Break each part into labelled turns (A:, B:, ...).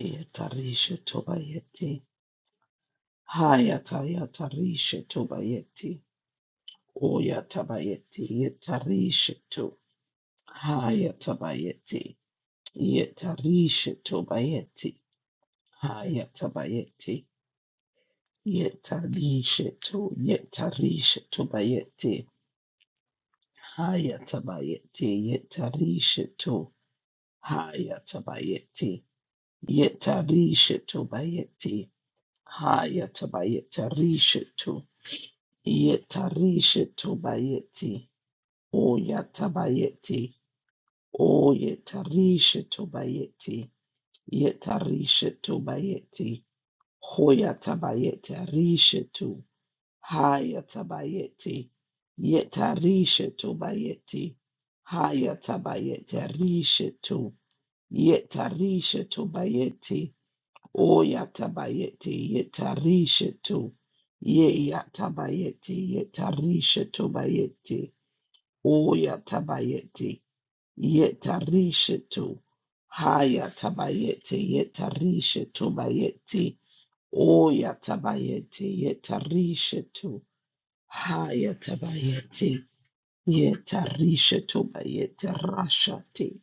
A: Yatarisha Tobayeti. Hayata Yatarisha Tobayeti. Oyatabayeti Yatarisha To. Hayatabayeti. Yatarisha Tobayeti. Hayatabayeti. Yetarisha To. Yetarisha Tobayeti. Hayatabayeti. Yetarisha To. Hayatabayeti. Yetarisha Tobayeti. Hayatabayeti Risha To. Yetarisha tobayeti. O yatabayeti. O yetarisha tobayeti. Yetarisha tobayeti. Hoyatabayeti arisha tu. Hayatabayeti. Yetarisha tobayeti. Hayatabayeti arisha tu. Yetarisha tobayeti. O yatabayeti. Yetarisha tu. Ye yatabayeti. Yetarisha tobayeti. Oya tabayeti yetarishetu. Haya tabayeti yetarishetu bayeti. Oya tabayeti yetarishetu. Haya tabayeti yetarishetu bayeti rashati.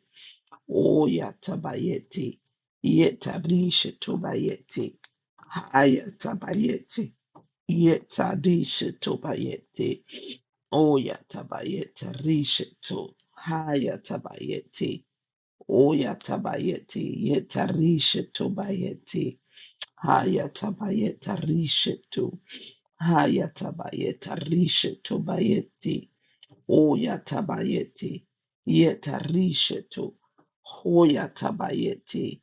A: Oya tabayeti yetarishetu bayeti. Haya tabayeti yetarishetu bayeti. Oya tabayeti rishetu. Haya tabayeti Oyatabayeti yetarishetubayeti. Hayatabayetarishetu. Hayatabayetarishetubayeti. Oyatabayeti yetarishetu. Hoyatabayeti.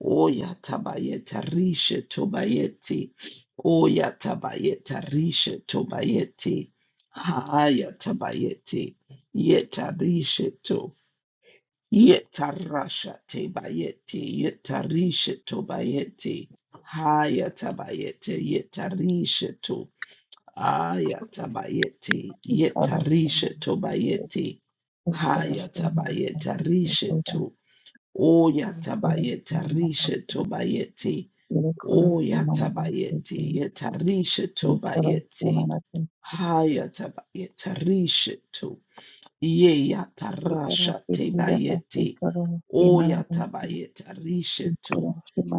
A: Oyatabayetarishetubayeti. Oyatabayetarishetubayeti. Hayatabayeti yetarishetu. Yetarasha te bayete, yetarisha to bayete, hayata bayete, yetarisha to, ayata bayete,
B: corresponde
A: yetarisha to
B: y
A: bayete, hayata
B: corresponde
A: bayete,
B: y
A: risha to, oyata bayete, risha to bayete, oyata bayete, yetarisha to bayete, hayata bayete, risha Yeyatarasha tebayeti. Oyatabayeta rishetu.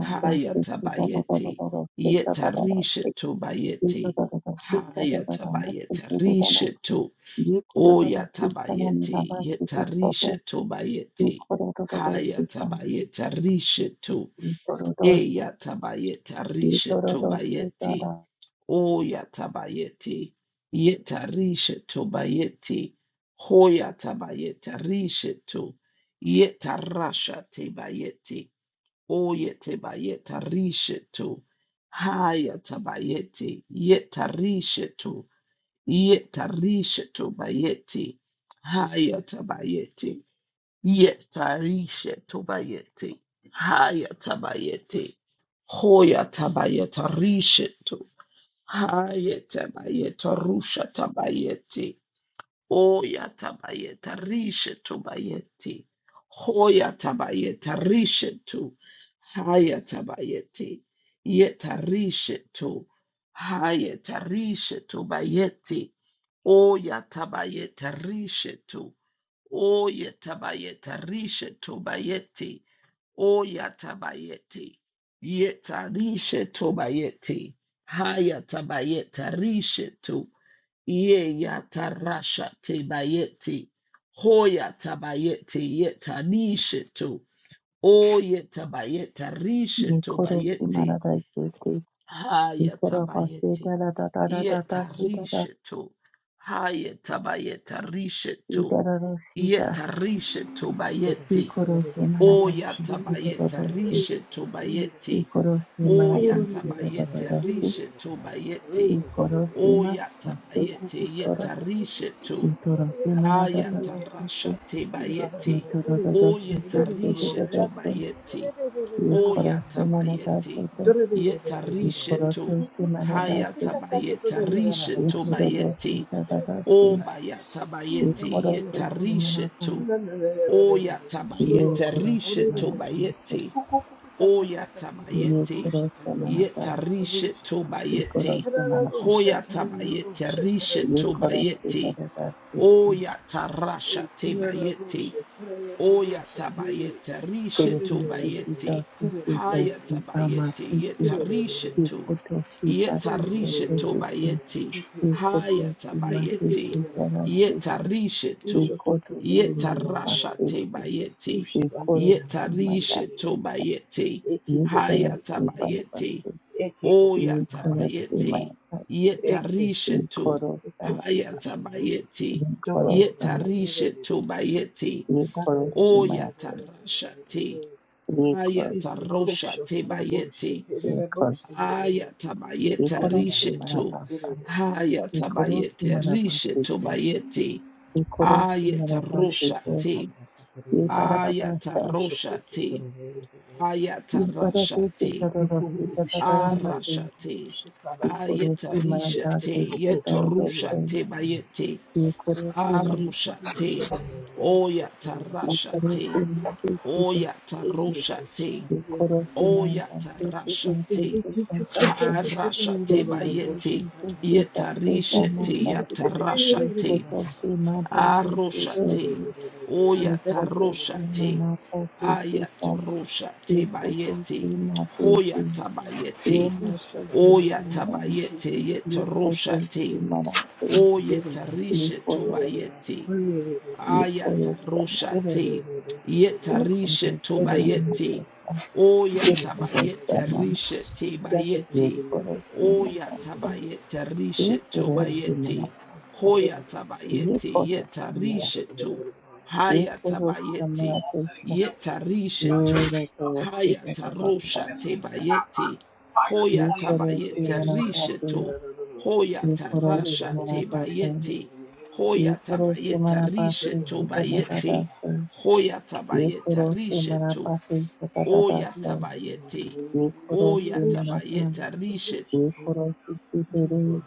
A: Hayatabayeti. Yetarishetu bayeti. Hayatabayeta rishetu. Oyatabayeti. Yetarishetu bayeti. Hayatabayeta rishetu. Eyatabayeta rishetu bayete. Oya tabayeti, yeta risheto bayeti, hoya tabayeta risheto, yeta rasha tebayeti, oya tebayeta risheto, haya tabayeti, yeta risheto, yeta risheto bayeti, haya tabayeti, yeta risheto bayeti, haya tabayeti, hoya tabayeta risheto. Hayetabayeta rusha tabayeti. Oya tabayeta rishe tobayeti. Hoya tabayeta rishe tu. Haya tabayeti. Yeta rishe tu. Hayeta rishe tobayeti. Oya tabayeta rishe tu. Oya tabayeta rishe tobayeti. O yatabayete. Yeta rishe tobayete. Haya tabayeta rishe to. Ye yatarasha tebayete. Hoya tabayete yeta rishe to. O yetabayeta rishe
B: Nikorosi
A: tobayete.
B: da
A: Haya tabayete.
B: da
A: Yeta
B: da
A: rishe to. Haya tabayeta rishe to.
B: Idarosita, Nikorosi da da
A: Yeta rishe bayete.
C: Thank
B: Nikorosi
A: O
B: Maradaki,
A: yatabayete
B: da
A: rishe tobayete. O yatabayete rishe tobayete.
B: Nikorosi
A: O
B: Matasi,
A: yatabayete
B: Nikoro,
A: yeta rishe to.
B: Itorosi Maradaki,
A: Ayatarasha tebayete.
B: Itodorosi,
A: O
B: Dodorosi,
A: yeta rishe tobayete. O
B: Nikorosi Maradaki,
A: yatabayete yeta rishe to. Hayatabayete rishe
B: da da da
A: tobayete. O
B: Dodorosi,
C: you. This
A: bayatabayete
B: Ikorosi
A: yeta rishe
B: manata,
A: to. O
B: ye
A: yatabayete
B: korosi
A: rishe
B: manata,
A: tobayete.
B: ye
A: Oyatabayete,
B: korosi manata,
A: yetarishe tobayete,
B: ikorosi manata,
A: hoyatabayete, rishe
B: ye korosi
A: tobayete,
B: manata, siti,
A: oyatarasha tebayete, oyatabayete, rishe
B: siti, siti, to,
A: tobayete,
B: siti, to, si, ama,
A: hayatabayete,
B: tiki,
A: yetarishe to.
B: ikoto, si, pati,
A: Yetarishe
B: kete,
A: to
B: sisi,
A: bayeti.
B: ikoto,
A: Hayata
B: si, mati,
A: bayeti.
B: kitara,
C: is
B: sita,
A: Yetarishe to.
C: Usho to to to
B: ikoto,
C: to
B: si,
C: to ro ro
B: manata,
C: ro ro.
A: Yetarasha te
B: siti,
A: bayeti.
C: Ushi bande
B: ikoro,
C: ira
B: si,
C: bande ire
B: mata,
A: Yetarishe
C: ire.
A: to
B: sita,
A: bayeti.
C: Eke ke ke
B: ikoro,
C: ke ke.
A: Hayata
B: si, manata,
A: bayeti.
B: siti,
C: Eke ko ko ko ha
A: Oyata
C: ya.
B: ikoro, si,
A: bayeti.
B: manata,
C: Eke
B: Ye
C: se
A: Yetarishe
C: ke
A: to.
B: koro
C: se ko
B: sama,
A: Hayata
C: usho to
A: bayeti.
B: ye
C: do ro
B: koro
C: ro ro
B: sama,
C: ro ro
A: Yetarishe
C: ro ro.
A: to bayeti.
C: Da da da da da da da
B: Yikorosama,
C: da
A: Oyatarasha
C: da da
A: te.
C: da.
B: Yikorosama, Yikorosimasa,
C: Ese ko
A: Hayatarosha
C: usho
A: te
C: to ro bo
A: bayeti.
C: ushi ke re re bo
B: Yikor, Yikor,
C: ushi re re re.
A: Ayatabayete
C: De na na na na na
A: rishetu.
C: re re
B: Yikorosimabasa,
C: re.
A: Hayatabayete rishetu
B: Yikorosimabasite,
A: bayete. Ayata
C: Ushi
A: rosha
C: ka
B: Yikorosimabasite,
C: ka
A: te.
C: ka ka re re re.
A: Ayata
B: Yiparabasa,
C: Usho ko
A: Ayatarishate.
C: to to to to
A: te.
C: ro ro ro.
B: Yiparatiki Tarosita
C: Ishakana
B: Tataramati, Yikorosimabasa, Kitorose,
A: bayete.
B: Yikorosimabasa,
A: Arushate. te. Oyata rasha
B: Yikorosimabasite, Yikorosimabasite, Yikorosimabasite,
A: Arashate
B: Ikoto
A: bayete,
B: zibukida
A: yetarishete,
B: zidamata
A: yatarashate,
B: ikoto zimata
A: aroshate,
B: zizidede ikoto
A: oyataroshate,
B: zimanata zizida
A: ayataroshate
B: ikoto
A: bayete,
B: zimatezi
A: hoyatabayete,
B: yemoto zikida
A: oyatabayete,
B: ikoto
A: yetaroshate,
B: zimanate
A: oyetarisheto
B: ikoto
A: bayete,
B: zizi ikoto zama
C: Thank
A: Ayatarushate, yetarishe
B: ikoto zimanata
A: tobayete,
B: ikoto
A: oyatabayete
B: zama
A: rishe tebayete,
B: ikoto zimanata
A: oyatabayete rishe
B: ikoto
A: tobayete,
B: zimanata
A: hoyatabayete
B: ikoto zimanata
A: yetarishe to,
B: Ikorosi
A: hayatabayete,
B: manapesa,
A: yetarishe to,
B: irokorosi kororosa,
A: hayatarosha tebayete,
B: ikorosi
A: hoyatabayete rishe
B: manapate,
A: to,
B: ikorosi
A: hoyatarasha
B: manapate,
A: tebayete, Hoya
B: ikorosi
A: tabayeta
B: manapate,
A: rishe to bayete.
C: you.
B: kitatatase,
A: Hoya tabayeta
B: ikorosi
A: rishe to.
B: manapate,
A: Oya
B: kitatatase,
A: tabayete. Oya
B: ikorosi manapa,
A: tabayeta rishe.
B: ikorosi kitere,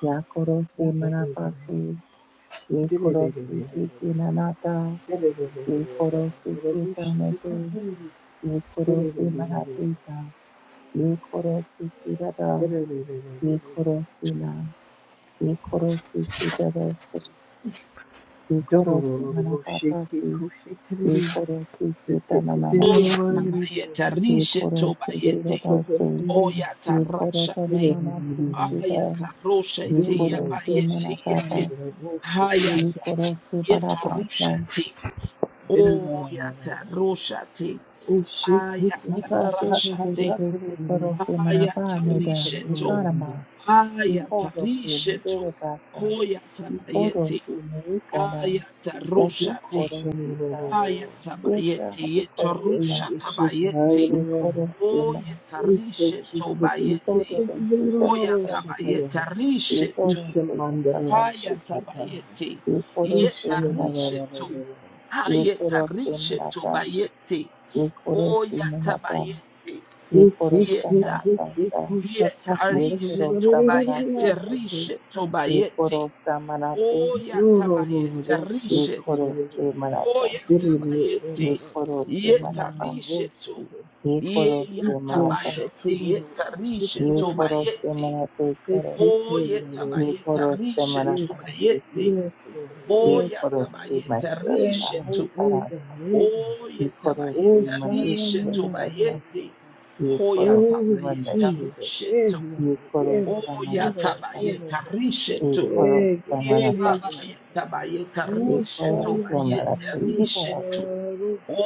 B: yakorosi manapate, ikorosi tikinanata,
C: Shake
B: ikorosi kitanete, ikorosi manatita. Nikorofikirada, Nikorofina, Nikorofikidado, Nikorofimanapatasi,
A: Oya
B: Nikorofikidanananarasi,
A: tabayeta rishe to bayete.
B: Nikorofikidadose,
A: Oya tarashate.
B: Nikorotanananatisida,
A: Aya taroshete yabayete
B: Nikorofimanapapa,
A: yete. Hayata
B: Nikorofimanapasa,
A: yetarushate. Oya taroshate. Aya tarashate. Aya
B: Nikorofikidadekikorofimanapaneda,
A: to.
B: Ikarama,
A: Ayatarishetu
B: Nikorofimidegasa,
A: koyatabayeti
B: Nikorofimirikada, Yate
A: ayataroshati
B: koro se kama. Yeta
A: ayatabayeti
B: ikoro sate.
A: yetorushatabayeti
B: Ikoro se manase.
C: Yes, Lord.
B: Ikoro
A: oyetarishetobayeti
B: se takata se.
A: koyatabayetarishetu
B: Ikoro
C: Yes,
B: se takata
C: Lord.
B: se.
A: ayatabayeti
B: Ikoro se manata
A: yetarishetu
B: se. Ikoro se manata.
A: ayetarishetobayeti
B: Ikoro se manata.
A: oyatabayeti
B: Ikoro se
A: yeta
B: manata sa. Ikoro se
A: yetarishetubayeti
B: manate
A: bayeti
B: sa.
A: rishetu bayeti
B: Ikoro se manate se.
A: Oyatabayeta rishetu.
B: Ikoro se manata.
A: Oyatabayete.
B: Ikoro se
A: Yeta
B: manapa.
A: rishetu.
B: ye koro se manata,
A: Yeyatabayete. Yeta
B: ye
A: rishetu
B: koro se
A: bayete.
B: manate koro, ye
A: Oyatabayeta
B: koro se
A: rishetu
B: manapa seke,
A: bayete.
B: ye
C: Yes,
B: koro
C: Lord.
B: se
A: Oyatabayeta
B: manata
C: Ega,
A: rishetu.
B: sahi
C: ega,
B: karasa,
C: ega.
B: ye koro se
C: Oh,
A: Oyatabayeta
C: shaya, ya,
B: manate
A: rishetu
C: ya,
B: sata,
C: ya.
A: bayete.
B: ye koro se
C: Oh,
A: Oyatabayeta
B: manate,
C: Jesus.
A: rishetu.
C: Ega,
B: ye koro
C: ega,
B: se
C: ega,
B: manapa san,
C: ega.
A: Oyatabayeta
B: ye
A: rishetu.
B: koro se
C: Ega,
A: Ye
B: manapa
A: baba
C: ega.
B: se,
A: yeta ba yeta
B: ye
C: Oh,
A: rishe
B: koro
A: to
C: shaya,
A: ba
B: se
C: ya, ya,
A: yeta
B: manate
C: ya.
B: ye
C: Oh,
A: rishe
C: shaka,
A: to.
B: karase,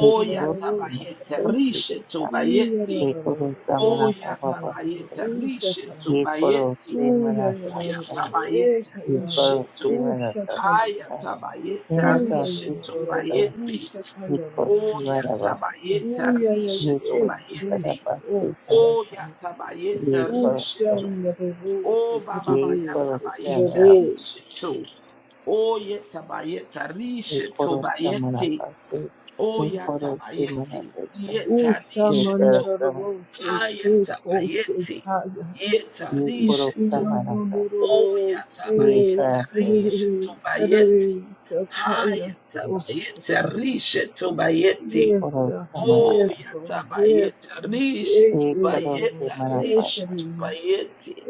B: ye
C: ya,
B: koro
A: yata
B: se
C: oh,
A: ba yeta
B: manate
C: shaka.
B: seke
A: rishe to
B: ya,
A: ba
C: Iya, ya,
A: yeti.
C: ya,
B: ye
C: ya.
B: koro se
A: O
C: Oh,
B: manapa
C: shaka,
A: yata
C: ya, ya,
B: papa
A: ba
B: seke,
A: yeta
C: ya. Oh, shaka.
A: rishe to
B: ye
A: ba
B: koro
A: yeti.
B: se
C: Oh, ya, ya,
A: O
C: ya,
B: manata
C: ya.
A: yata ba yeta
C: Ega, ya, ya,
A: rishe
C: ya.
B: Iko
A: to.
C: Oh,
B: simana
C: shaka,
A: Ha
C: ya.
B: tasika.
A: yata ba yeta
B: Ina
C: Oh, ya, ya,
A: rishe to
B: tasiki
C: ya, ya,
A: ba
C: ya.
B: ato.
C: Oh,
A: yeti.
C: shaka, ya,
B: Iko
A: O
C: ya,
B: simana
C: ya.
A: yata ba
B: basi.
A: yeta
C: Uya ya
A: rishe to
B: Iko
A: ba
C: kesti
B: simana
A: yeti.
B: basika.
C: osha
A: O
C: kana.
A: yata ba yeta
B: Iko
A: rishe
C: Usha
A: to.
B: sama.
C: ndararo
A: O baba ba
C: sekerere
A: yata
B: Iko
A: ba yeta
B: sama.
C: sekerere.
A: rishe to. Oye tabayeta rishe
B: Iko samana
A: tobayete.
B: basi.
A: Oya
B: Iko simana
A: tabayete.
B: tasika.
A: Yeta
C: Usha
A: rishe
B: Iko
A: to.
C: mandararo
B: sama.
A: Aya
C: seke kose
A: tabayete.
C: kaya.
A: Yeta rishe
B: Iko
A: to.
C: Ushindo
B: samana basa.
C: dororo
A: Oya
C: se
B: Iko
A: tabayeta
B: sama.
A: rishe
C: serere
A: tobayete.
C: serere sakaya.
A: Haya
C: Oh,
A: tabayeta rishe tobayete.
C: yes,
B: Iko
C: God.
B: samana basa.
C: Yes,
A: Oya
C: Lord. Yes,
A: tabayeta
C: Lord.
A: rishe
C: Yes,
B: Iko
C: Lord.
A: tobayeta
B: simana
C: Yes,
A: rishe
B: basa.
C: Lord.
A: tobayete.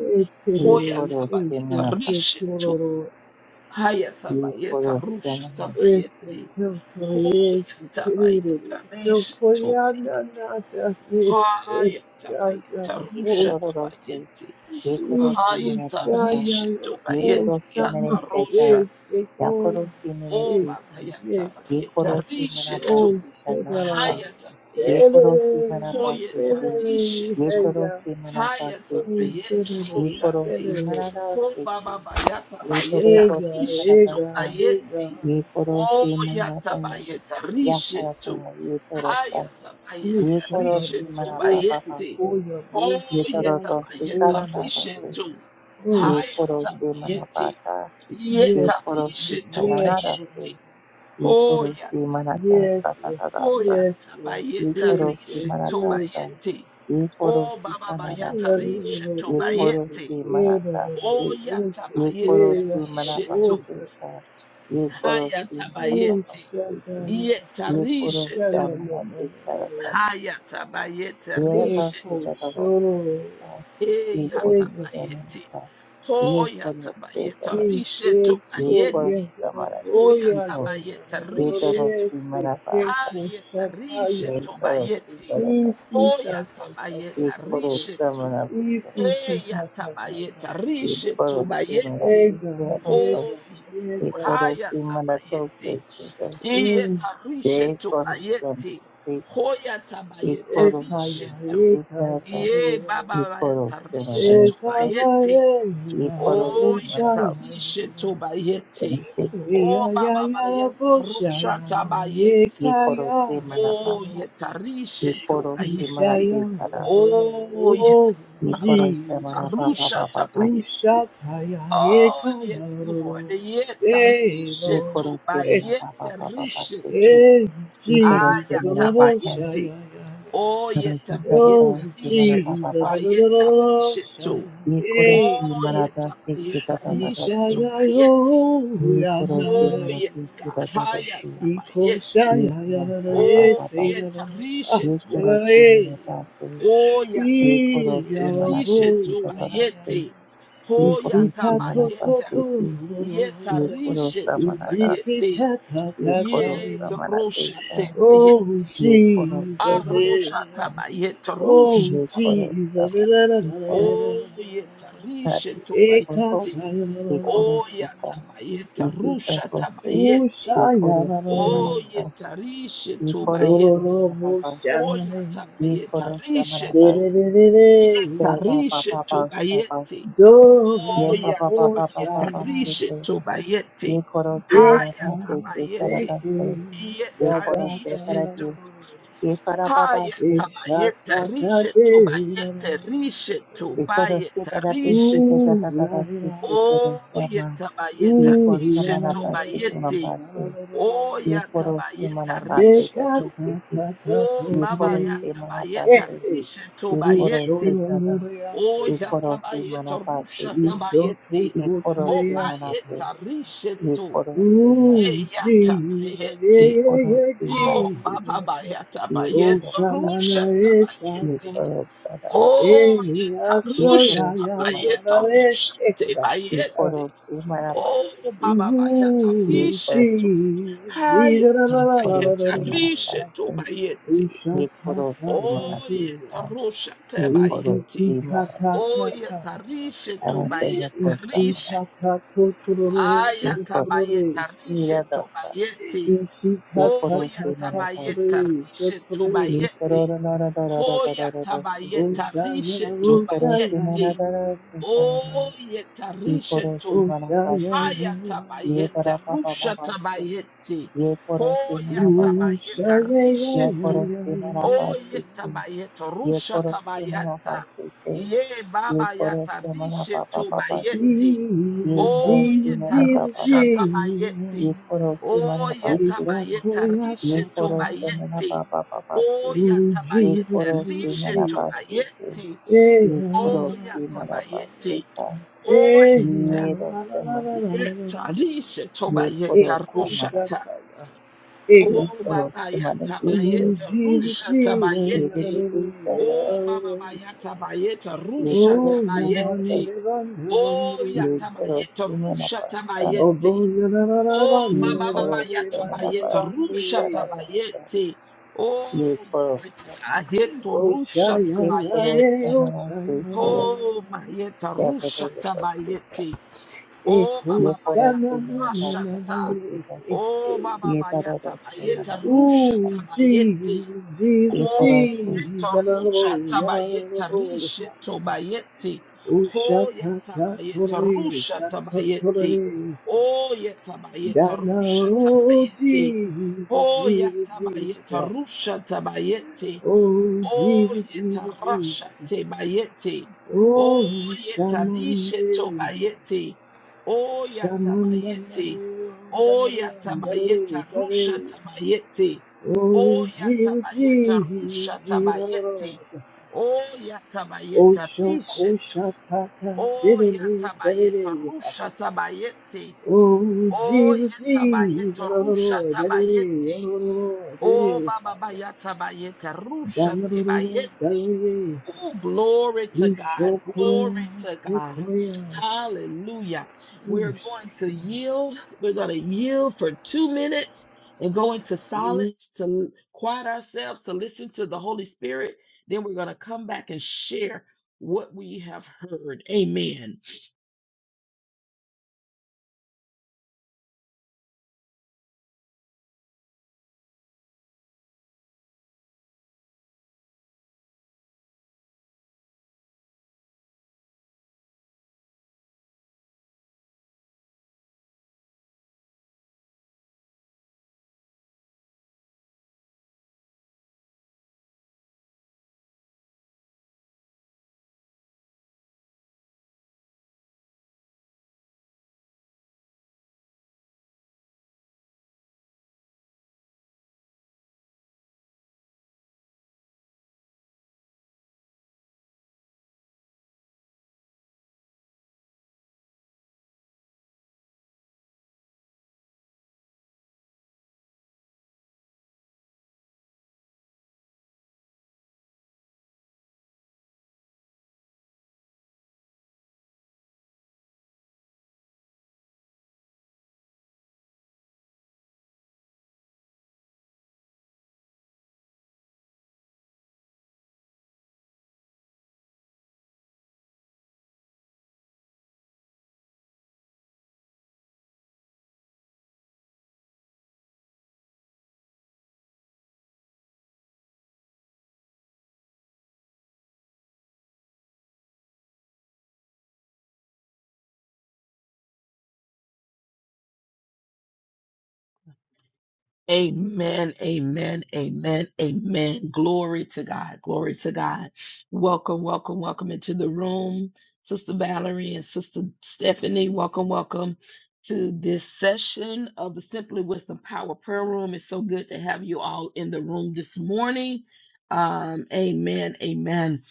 A: Hoya
C: Ekerere,
B: Iko
C: ekerere,
B: simana
A: tabayeta
B: basa.
A: rishe
C: ekerere,
A: Hayatabayeta
B: Iko
A: Rusha
B: samana.
C: Ese
A: Tabayeti.
C: campo ese querido
A: Hoyatabayeta
C: yo
A: Resha
C: coyana
A: Tobayeti.
C: nada de escala
A: Hayatabayeta
B: ye
C: o
A: Rusha
B: kororose,
A: Tabayeti.
B: ye
C: y
B: korosi
A: Hayata
B: manabasa,
C: cuchaya
A: Risha
B: ye
C: o
A: Tobayeti.
B: korosi
A: Yata
B: maneketa,
A: Rusha.
C: samande que
B: ya
C: coya
B: korosi
C: llega
A: Oba
B: manekete,
C: llega
B: ye
A: Hayatabayeta
B: korosi
C: o
B: manabasi
A: Ha
B: kanarata,
C: será
A: yata
B: ye
A: bayeti
B: korosi
A: ho
C: será
B: manabasi
A: yata
B: ke,
C: será
B: ye
A: rishetu
C: ella
B: torosi
A: ha
B: manabasi
A: yata
B: ke,
C: será
A: bayeti
B: ye
A: rosheti
B: korosi
C: será
A: ho
B: manarase ke,
A: baba yata
B: ye
A: bayeta
B: torosi
C: ella
A: rishetu
C: ella
B: karadasa,
A: bayeti
C: ella
B: ye
A: ho
B: korosi
A: yata
B: manaba,
A: bayeta
B: ya
A: rishetu
B: karata, ye
A: ha
B: torosa,
A: yata
C: This
B: ye
A: bayeta
C: Shabbat
B: korosi
C: is
A: rishetu
C: a bullshit,
B: manababa
A: bayeti
B: se,
C: Goya
A: ho
B: ye
C: bullshit,
A: yata
C: bullshit,
B: torosi
A: bayeta
C: bullshit, huh?
B: karanarase,
A: rishetu ha
C: Mm.
B: ye
A: yata
B: korosi
A: bayeti
B: manapata,
C: Yes,
B: ye
A: yeta
C: Lord.
B: korosi
A: rishetu
C: yes, Lord.
B: kananarase,
A: bayeti
B: ye
A: ho yata.
B: korosi manata
C: yes, Lord.
B: satakagasa,
A: Oya
C: yes, Lord.
B: ye
A: tabayeta
C: Yes,
B: korosi
A: rishe
C: yes,
B: manatasa,
C: bullshit.
A: tobayete.
B: ye
A: O
B: korosi
A: baba bayata
C: Lord,
B: kananase,
C: Lord,
A: rishe
C: Lord,
B: ye
C: bullshit,
A: tobayete.
B: korosi
C: yeah, Lord, Lord,
B: manatase,
C: Lord, Lord,
A: Oya
C: bullshit,
B: ye
C: yeah,
A: tabayete
B: korosi
C: Lord, Lord,
A: rishe to.
C: bullshit,
B: manabaseta,
C: huh?
B: ye
A: Haya
B: korosi
C: Ooh,
A: tabayete.
B: manabaseta,
C: Shabbat,
A: Yeta
B: ye korosi manatesa, ye
A: rishe
B: korosi
A: to.
C: Shabbat, Lord, Lord, Lord, Lord,
B: manabaseta,
C: Lord.
A: Haya tabayete
B: ye
C: Yeah,
A: rishe
B: korosi
C: Coach,
A: to.
C: Lord,
A: Eya
C: Lord, Lord.
A: tabayete.
B: manata, ye
A: Hoya tabayete
B: korosi
A: rishe
B: Yekoro
C: Ekaya,
A: tobayete.
B: samarasi
A: Hoya
B: kito,
A: tabayete rishe
B: yetoro
A: to.
B: simarabasa,
A: Hayeta rishetu
B: yekoro
A: bayeti.
B: simarabasi,
A: Oyata bayeta
B: yekoro
A: rishetu.
B: samarabisoro,
A: Eyata bayeta rishetu
B: yekoro
A: bayeti.
B: simarasi kito,
A: Oh, yes, Lord.
B: yekoro
A: Hayata
B: simarato
A: bayeti.
B: sekito,
A: Eyeta rishetu
B: yekoro
A: bayeti.
B: samarasi,
A: Hoyata bayeta
B: yekoro
A: rishetu.
B: simarasi
C: ekaya,
B: kito,
A: Ye baba
B: yekoro simarabasa, yekoro
A: bayeta rishetu
B: simarabasa,
A: bayeti.
B: yekoro
A: Oh, yeta
B: simarabasa,
C: ekaya,
A: rishetu bayeti. Oh, baba bayeta rusha tabayeti.
C: Yayayayaboshayayarekaya.
A: Oh, yetarishe to
B: yekoro
A: bayeti.
C: Sishaya.
B: simarati
A: Oh,
C: Oh,
A: yes,
B: Ye
A: Baba,
B: koro se mana ba ba
C: Jesus.
A: yetarusha
B: ba ba ba.
A: tabayeti. Oh,
C: Ushatayarekaya.
A: yes, Lord.
C: Hey,
A: Yetarishe
B: Ye
C: Lord.
A: to
B: koro se
C: Hey,
B: mana ba ba ba ba ba
A: bayeterishe
B: se te.
A: to
C: hey,
B: Ye koro
C: Jesus.
B: se mana ba ta.
A: ayatabayeti.
C: Oloboshayaya.
A: Oh,
B: Koro se da da
C: Oh,
B: da se mana
A: yetabayetarishe
B: ba
A: to
B: ba
C: Jesus.
B: ba ba ba. ba.
A: bayetarishe to.
C: Oloboshayaya.
B: Ye koro
C: Hey,
B: se
A: Oh,
B: mana
C: God.
B: da se ke da da da da
A: yetabayetarishe
B: se.
A: to bayeti.
B: Ye koro se
A: Oh,
B: mana
C: Ishayayoyanane.
B: se
A: yes,
B: ke da da
A: God.
B: da se.
A: Hayatabayeti.
C: Ikosha
B: Ye
C: ya ya
B: koro
C: la la
B: sa ba
C: e
A: Oh,
B: ba ba.
C: se la la
A: yeta
C: la ah
A: rishe
B: Ye
A: to
C: ya
B: koro
C: la la
B: se
C: e
B: mana
A: bayete.
B: da se.
A: Oh, yata
B: Ye koro
C: i
A: bayete.
B: se
C: ya la
B: mana se
A: Rishe
C: bo
B: ke
A: to
C: e
B: da da da
C: la ya
B: se.
A: bayete.
B: Ye
A: Oh,
C: isi
B: koro
A: yata
B: se
C: ta
B: mana
C: to
B: da
C: to
A: bayete.
C: to
B: se ke.
C: ro ro ro
A: Yeta
B: Ye koro
A: rishe
B: sa
A: to
B: mana
C: isi
B: da
C: si
B: se.
A: bayete.
C: ta ta
B: Ye
C: ta ta
B: koro
C: e
A: Yes,
B: sa mana
A: rosha
B: te.
A: te bayete.
C: Oh
B: ये करो
C: Jesus,
B: seven
C: eh.
A: Arosha tabayete.
C: oh
A: Rusha
B: ये करो
C: Jesus, eh,
A: tabayete.
C: la, la,
B: seven ये
C: la,
B: करो
C: la, la,
A: Oh, yeta
C: la.
A: rishe
B: thirty
A: to
C: Eh,
B: और तो
C: kasa,
A: bayete.
C: la, la, la,
B: ये
C: la.
B: करो
A: Oh,
B: सीता
A: yata bayete.
B: इसी
A: Rusha
B: तरह से
C: Ooh,
A: tabayete.
B: ये
C: shy, la,
B: करो
C: la, la,
B: seven
A: Oh,
C: eh.
B: आता
A: yeta rishe
B: ये
A: to
B: करो
C: Dororo
A: bayete.
B: सेवन आता
C: Shanai,
A: Hoyata
B: ये
A: bayeta
B: करो सेवन आता
A: rishetu.
C: Derere,
A: Yeta
B: सेवा पापा पापा
A: rishetu
B: पापा
A: bayeti.
B: ये पापा
A: Hoyata
C: Dororo
B: पापा पापा
A: bayeta
B: पास
C: Shanai,
B: के
A: rishetu
B: ये
A: bayeti.
B: करो सेवन
C: Deka,
B: आता
A: Hayata
B: से ये
A: bayete.
B: करता
C: Deke,
B: से ये
A: Yeta
B: करो से
C: Yagata,
A: rishetu.
B: परते ये करा पापा से
A: Hayata bayeta
C: Ishatata,
A: rishetu
C: Dera,
A: bayete. Rishetu
B: ये करो से
A: bayeta
B: परते
A: rishetu.
B: से दादा दादा से
C: Uzrahira,
B: ये करो सामा
A: Oyeta bayeta
B: Yeko
A: rishetu
C: Uzrahira,
B: samanapase
A: bayete.
B: kumampase.
A: Oyata
B: Yekoro
A: bayeta
B: semanapase
A: rishetu.
B: dataseki.
A: Oh, Baba
B: Yekoro
C: Yekatatatatotere.
A: Yata Bayeta,
B: semanapase.
C: Hehe.
A: Risha
B: Yekoro
A: Tobayeti.
B: setada.
A: Oh,
C: Ishononoreyasata.
B: Yekoro
A: Yata Bayeta,
B: semanapase
A: Rusha
B: ke.
A: Tabayeti.
B: Yekoro
A: Oh,
C: Ishotototoreyasata.
B: semanase.
A: Bayeta, Risha To.
B: Yekoro semanase.
C: Ooh,
A: Ye Yata
C: Jesus, yeah,
A: Bayeti.
C: yeah,
B: Yekoro
C: yeah,
A: Oh,
B: semanase.
A: Baba
C: Jesus.
A: Bayata
C: Oh,
B: Yekoro
A: Bayeta,
B: san.
A: Rusha
C: Shanana Esaka.
A: Tabayeti.
B: Yekoro sada.
A: Oh,
C: Eni
A: Yeta
C: Asho,
A: Rusha
C: ya,
B: Yekoro
C: ya, ya, la,
B: semanasa.
A: Tabayeta,
C: le,
A: Rusha
C: eka. Uh,
A: Tabayeti.
B: Yekoro
A: Oh,
B: semanapase.
A: Baba Bayata,
C: Ooh,
A: Risha
B: Yekoro.
A: To.
C: Jesus, Jesus, la,
A: Hayata
C: la, la, la,
B: Yekoro
C: la,
A: Bayeta,
C: la,
A: Risha
C: la.
B: semanapase.
A: Tobayeti.
C: Isha ta
B: Yekoro
C: ta ta
A: Oh,
C: te.
B: semanase.
A: yetarusha
C: Isi
A: tebayeti.
C: ki
B: ikorosi
C: ka
A: Oh,
B: maratisa
A: yetarishe
C: Ishakakakakaya.
B: abatega kosa
A: tobayetarishe.
B: marati
C: Isikikakakaka. Ishikakatotororo
B: ikorosi
C: sotorore.
A: Ayatabayetarishe
B: radasa
A: tobayeti. Oh,
B: ikorosi
C: Ishikakakakakore
B: maratasi
A: yatabayetarishe
C: sotore.
A: tobayeti.
B: ikorora nora nora
A: Oh,
B: nora nora sisi
C: Oshaya,
A: yatabayetarishe
B: ikorosi
C: oshaya,
B: nora
A: tobayeti.
B: nora sikana
A: Oh, yetarishe
B: ikorosi
A: to.
C: oshaya,
B: maratasi ye
A: Hayatabayeta
B: para papa
A: rusha
B: papa si
A: tabayeti.
B: ye korosi
A: Oh,
B: maratasi
A: yatabayetarishe
B: ye
A: to.
C: oshaya,
B: korosi maratasi
A: Oye
B: si
A: tabayeta,
B: ye
A: rusha
B: korosi
A: tabayata,
B: maratasi si
A: ye
B: ye
A: baba yata,
B: korosi
A: rishe
B: maratapa papa si
A: tubayeti,
B: ye
C: Jesus,
B: korosi
A: oye
B: maratapa
C: Jesus,
A: tarusha
B: papa si ye
A: tabayeti,
C: Jesus.
B: koro se manaba
A: oye
B: se se,
A: tabayeta,
B: ye
A: rishe
C: Isakoyakata.
B: koro se manaba
A: tubayeti,
B: ba ba ba se,
A: oya
C: Ooh,
B: ye
C: Jesus,
A: tabayete,
B: koro se
C: Jesus,
A: rishe
B: manaba
C: Jesus.
B: se se,
A: tubayeti,
C: Yeah.
B: ye koro
A: oya
B: se manaba se
A: tabayeti,
B: ka,
C: Yeah.
A: oye ta,
B: ye ro
C: La, la,
B: se
C: la, la,
B: mana,
C: la, la, la.
A: yeta, rishe
B: ye
A: tubayeta,
B: koro se mana,
C: Ekoshataya. Ega.
B: ye
A: Oh,
B: koro
A: Baba
B: se mana,
A: Yata
B: ye re re
C: Ooh,
A: Bayeta
B: se,
C: Jesus,
A: Rusha
C: Jesus.
B: ye
C: La,
B: re
C: la,
B: re
A: Tabayete.
C: la, la,
B: se se
C: la,
B: ka ra
A: Oh,
C: la,
B: re
A: Baba
C: la.
B: se,
A: Bayata Bayeta
B: ye
A: Rusha
B: koro
C: Oh,
B: se manaba
A: Tabayete.
C: Ramande,
B: se,
C: Ramande,
A: Oh,
B: ye
C: Ramande.
A: Yata
B: koro
A: Bayeta
B: se
A: Rusha
B: manaba sa ra,
C: Oh,
A: Tabayete.
C: Bo, la, la, la, la,
A: Oh,
C: Ramande,
B: ye
A: Baba Baba
B: koro
C: Ramande,
B: se
A: Yata
C: Ramande,
B: manaba
A: Bayeta
B: se ka
A: Rusha
B: ra ra sa,
A: Tabayete.
B: ye
A: Oh,
B: koro
A: glory to
B: se
A: God.
B: mana.
A: Yeto
C: Oh,
A: Rusha
C: Shaya,
B: एक
C: ya,
B: पुरुष
C: ye,
A: Tabayete.
C: oh,
B: हमारा
C: Shaya,
B: देश
C: ya,
B: का
C: ya, ya.
A: Oh, Mayeta
B: देवता
A: Rusha
B: उपस्थित है
A: Tabayete. Oh,
C: Echo,
B: ये
A: Baba
B: पुरुष से
C: Shana,
A: Bayata
C: na,
B: मेरा
C: na,
B: पास
C: na,
B: का
C: na,
A: Rasha
B: देखिए
C: ye,
B: तो
C: eh,
A: Oh,
C: eh.
A: Baba
B: ये तरह
A: Bayata
B: रास्ते मेरा
A: Bayeta
B: पास
A: Rusha
B: का
C: Ooh,
A: Tabayete.
C: Jesus,
B: ये
C: Jesus,
A: Oh,
B: पुरुष से
A: Yeta
C: Jesus, ya, na, na, na,
A: Rusha
C: ya, na, na, na,
A: Tabayeta
C: na, na.
A: Rishe Tobayete.
C: Ooh,
A: Oh,
C: Shata,
A: Yata
C: ta, ta,
A: Bayeta
C: re,
A: Rusha
C: Shata, ta, ta,
A: Tabayete.
C: re.
A: Oh, Yeta
C: Da,
A: Bayeta
C: na,
A: Rusha
C: oh,
A: Tabayete.
C: Jesus,
A: Oh,
C: Jesus,
A: Yata
C: Jesus,
A: Bayeta
C: ah.
A: Rusha Tabayete.
C: oh,
A: Oh,
C: Jesus, Jesus,
A: yetarasha
C: Jesus,
A: te
C: ah.
A: bayete.
C: oh,
A: Oh, yetarishe to
C: Shana,
A: bayete.
C: Oh,
A: Oh, yatabayete. Oh, yatabayeta rusha tabayete. Oh,
C: Jiva
A: yatabayeta rusha
C: Jiva
A: tabayete.
C: Lord.
A: Oh,
C: Oh,
A: yatabayeta rishe to.
C: Shokosha Tata
A: Oh,
C: Diddy
A: yatabayeta
C: Diddy.
A: rusha tabayete.
C: Oh,
A: Oh,
C: Jiva
A: yatabayeta
C: Jiva
A: rusha
C: Lord. Diddy
A: tabayete.
C: Lord. Diddy.
A: Oh, baba bayata bayeta rusha
C: Damaroro
A: tabayete.
C: Diddy.
A: Oh, glory to God.
C: Ushokuro
A: Glory to God.
C: Sekoya.
A: Hallelujah. We're going to yield. We're going to yield for two minutes and go into silence to quiet ourselves, to listen to the Holy Spirit. Then we're going to come back and share what we have heard. Amen. Amen, amen, amen, amen. Glory to God, glory to God. Welcome, welcome, welcome into the room, Sister Valerie and Sister Stephanie. Welcome, welcome to this session of the Simply Wisdom Power Prayer Room. It's so good to have you all in the room this morning. Um, amen, amen.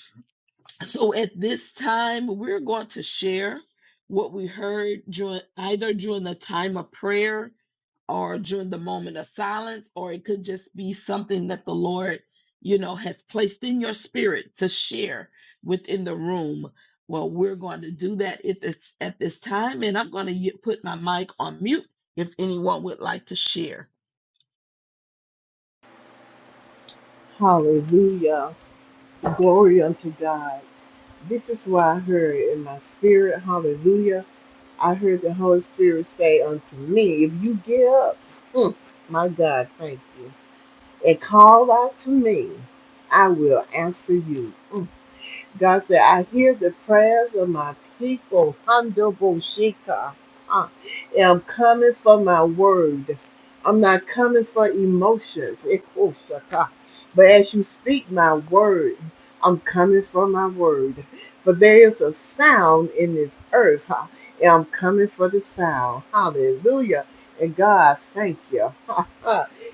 A: So at this time, we're going to share what we heard during either during the time of prayer or during the moment of silence, or it could just be something that the Lord, you know, has placed in your spirit to share within the room. Well, we're going to do that if it's at this time, and I'm going to put my mic on mute if anyone would like to share.
C: Hallelujah. Glory unto God. This is what I heard in my spirit. Hallelujah. I heard the Holy Spirit say unto me, If you get up, mm, my God, thank you, and call out to me, I will answer you. God said, I hear the prayers of my people, Handoboshika. Uh, I'm coming for my word. I'm not coming for emotions. Ekoshaka. But as you speak my word, I'm coming for my word. For there is a sound in this earth. huh? And I'm coming for the sound. Hallelujah. And God, thank you.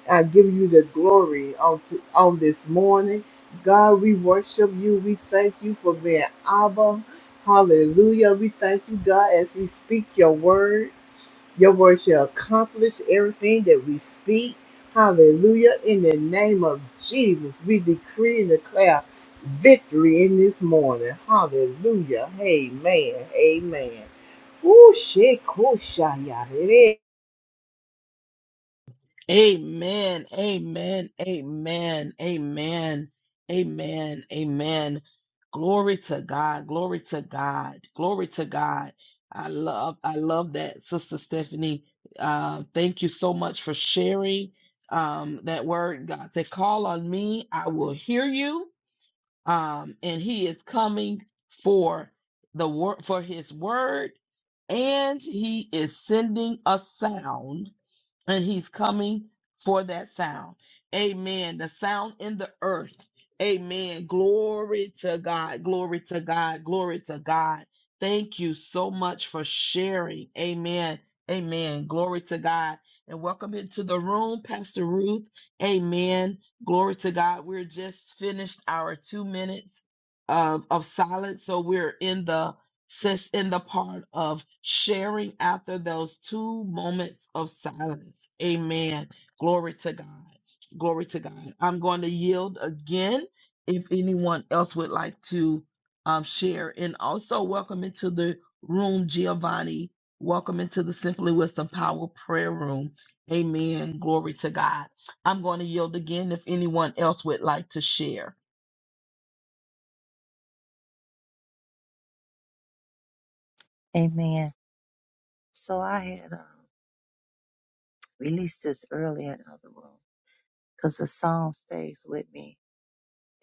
C: I give you the glory on, to, on this morning. God, we worship you. We thank you for being Abba. Hallelujah. We thank you, God, as we speak your word. Your word shall accomplish everything that we speak. Hallelujah. In the name of Jesus, we decree and declare victory in this morning. Hallelujah. Amen. Amen. Ooh, shit, cool,
A: Amen. Amen. Amen. Amen. Amen. Amen. Glory to God. Glory to God. Glory to God. I love I love that, Sister Stephanie. Uh, thank you so much for sharing um, that word. God said, call on me, I will hear you. Um, and he is coming for the word for his word, and he is sending a sound and he's coming for that sound. Amen. The sound in the earth. Amen. Glory to God. Glory to God. Glory to God. Thank you so much for sharing. Amen. Amen. Glory to God. And welcome into the room, Pastor Ruth. Amen. Glory to God. We're just finished our two minutes of, of silence. So we're in the Sits in the part of sharing after those two moments of silence. Amen. Glory to God. Glory to God. I'm going to yield again if anyone else would like to um, share. And also, welcome into the room, Giovanni. Welcome into the Simply Wisdom Power Prayer Room. Amen. Glory to God. I'm going to yield again if anyone else would like to share.
B: Amen. So I had uh, released this earlier in other room because the song stays with me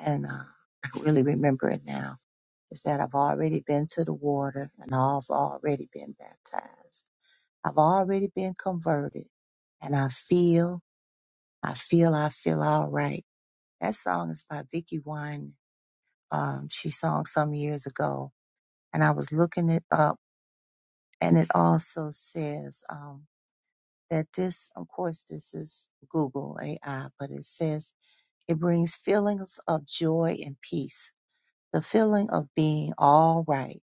B: and uh, I really remember it now. Is that I've already been to the water and I've already been baptized. I've already been converted and I feel, I feel, I feel all right That song is by Vicky Wine. Um, she sung some years ago, and I was looking it up, and it also says um, that this, of course, this is Google AI, but it says it brings feelings of joy and peace, the feeling of being all right.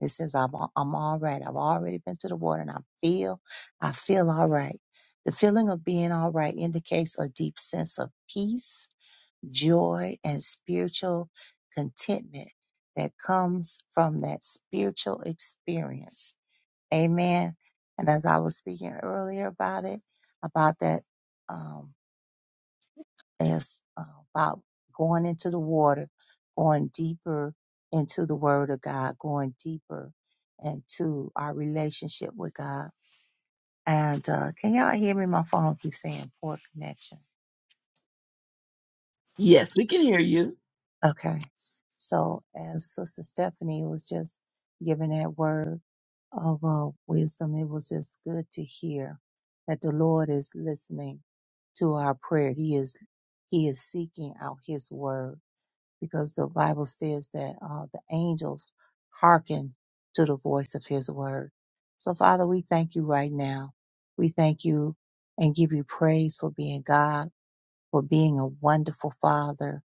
B: It says I'm al- I'm all right. I've already been to the water, and I feel I feel all right. The feeling of being all right indicates a deep sense of peace joy, and spiritual contentment that comes from that spiritual experience. Amen. And as I was speaking earlier about it, about that, um, as uh, about going into the water, going deeper into the Word of God, going deeper into our relationship with God. And uh, can y'all hear me? My phone keeps saying poor connection.
A: Yes, we can hear you.
B: Okay. So as Sister Stephanie was just giving that word of uh, wisdom, it was just good to hear that the Lord is listening to our prayer. He is He is seeking out His word because the Bible says that uh, the angels hearken to the voice of His word. So Father, we thank you right now. We thank you and give you praise for being God for being a wonderful Father,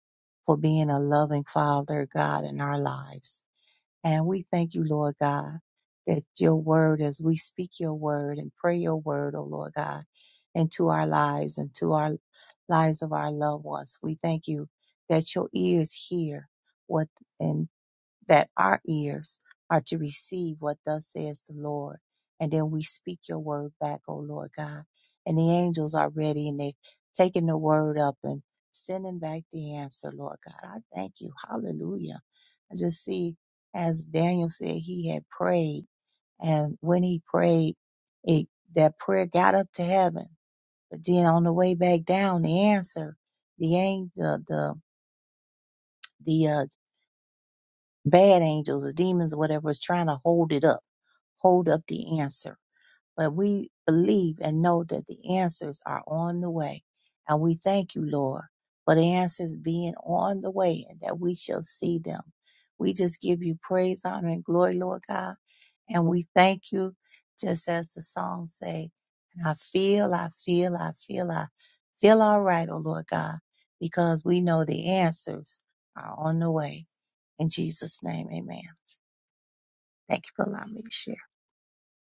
B: for being a loving Father, God, in our lives. And we thank you, Lord God, that your word, as we speak your word and pray your word, oh Lord God, into our lives and to our lives of our loved ones, we thank you that your ears hear what and that our ears are to receive what thus says the Lord. And then we speak your word back, O Lord God. And the angels are ready and they taking the word up and sending back the answer, Lord God. I thank you. Hallelujah. I just see, as Daniel said, he had prayed. And when he prayed, it, that prayer got up to heaven. But then on the way back down, the answer, the angel, the, the, uh, bad angels or demons or whatever is trying to hold it up, hold up the answer. But we believe and know that the answers are on the way. And we thank you, Lord, for the answers being on the way and that we shall see them. We just give you praise, honor, and glory, Lord God. And we thank you, just as the song say, and I feel, I feel, I feel, I feel all right, oh Lord God, because we know the answers are on the way. In Jesus' name, amen. Thank you for allowing me to share.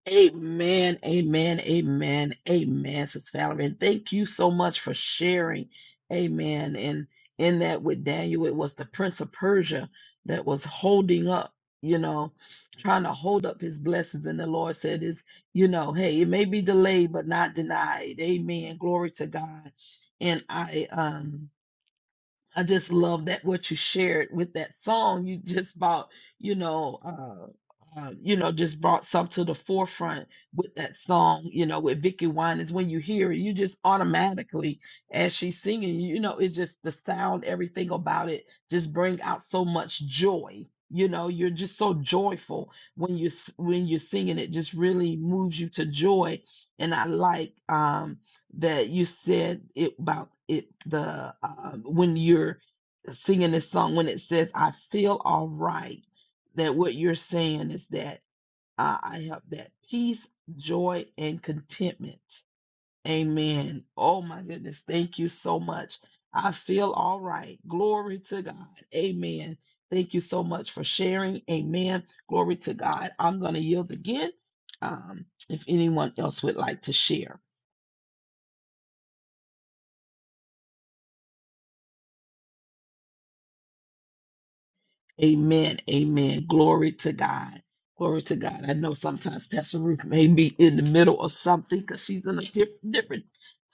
A: Amen, amen, amen, amen, Sis Valerie. And thank you so much for sharing. Amen. And in that with Daniel, it was the Prince of Persia that was holding up, you know, trying to hold up his blessings. And the Lord said, Is, you know, hey, it may be delayed, but not denied. Amen. Glory to God. And I um I just love that what you shared with that song. You just brought, you know, uh, uh, you know, just brought some to the forefront with that song. You know, with Vicky Wine is when you hear it, you just automatically, as she's singing, you know, it's just the sound, everything about it, just bring out so much joy. You know, you're just so joyful when you s- when you're singing. It just really moves you to joy, and I like. um that you said it, about it the uh, when you're singing this song when it says i feel all right that what you're saying is that uh, i have that peace joy and contentment amen oh my goodness thank you so much i feel all right glory to god amen thank you so much for sharing amen glory to god i'm going to yield again um, if anyone else would like to share Amen. Amen. Glory to God. Glory to God. I know sometimes Pastor Ruth may be in the middle of something because she's in a diff- different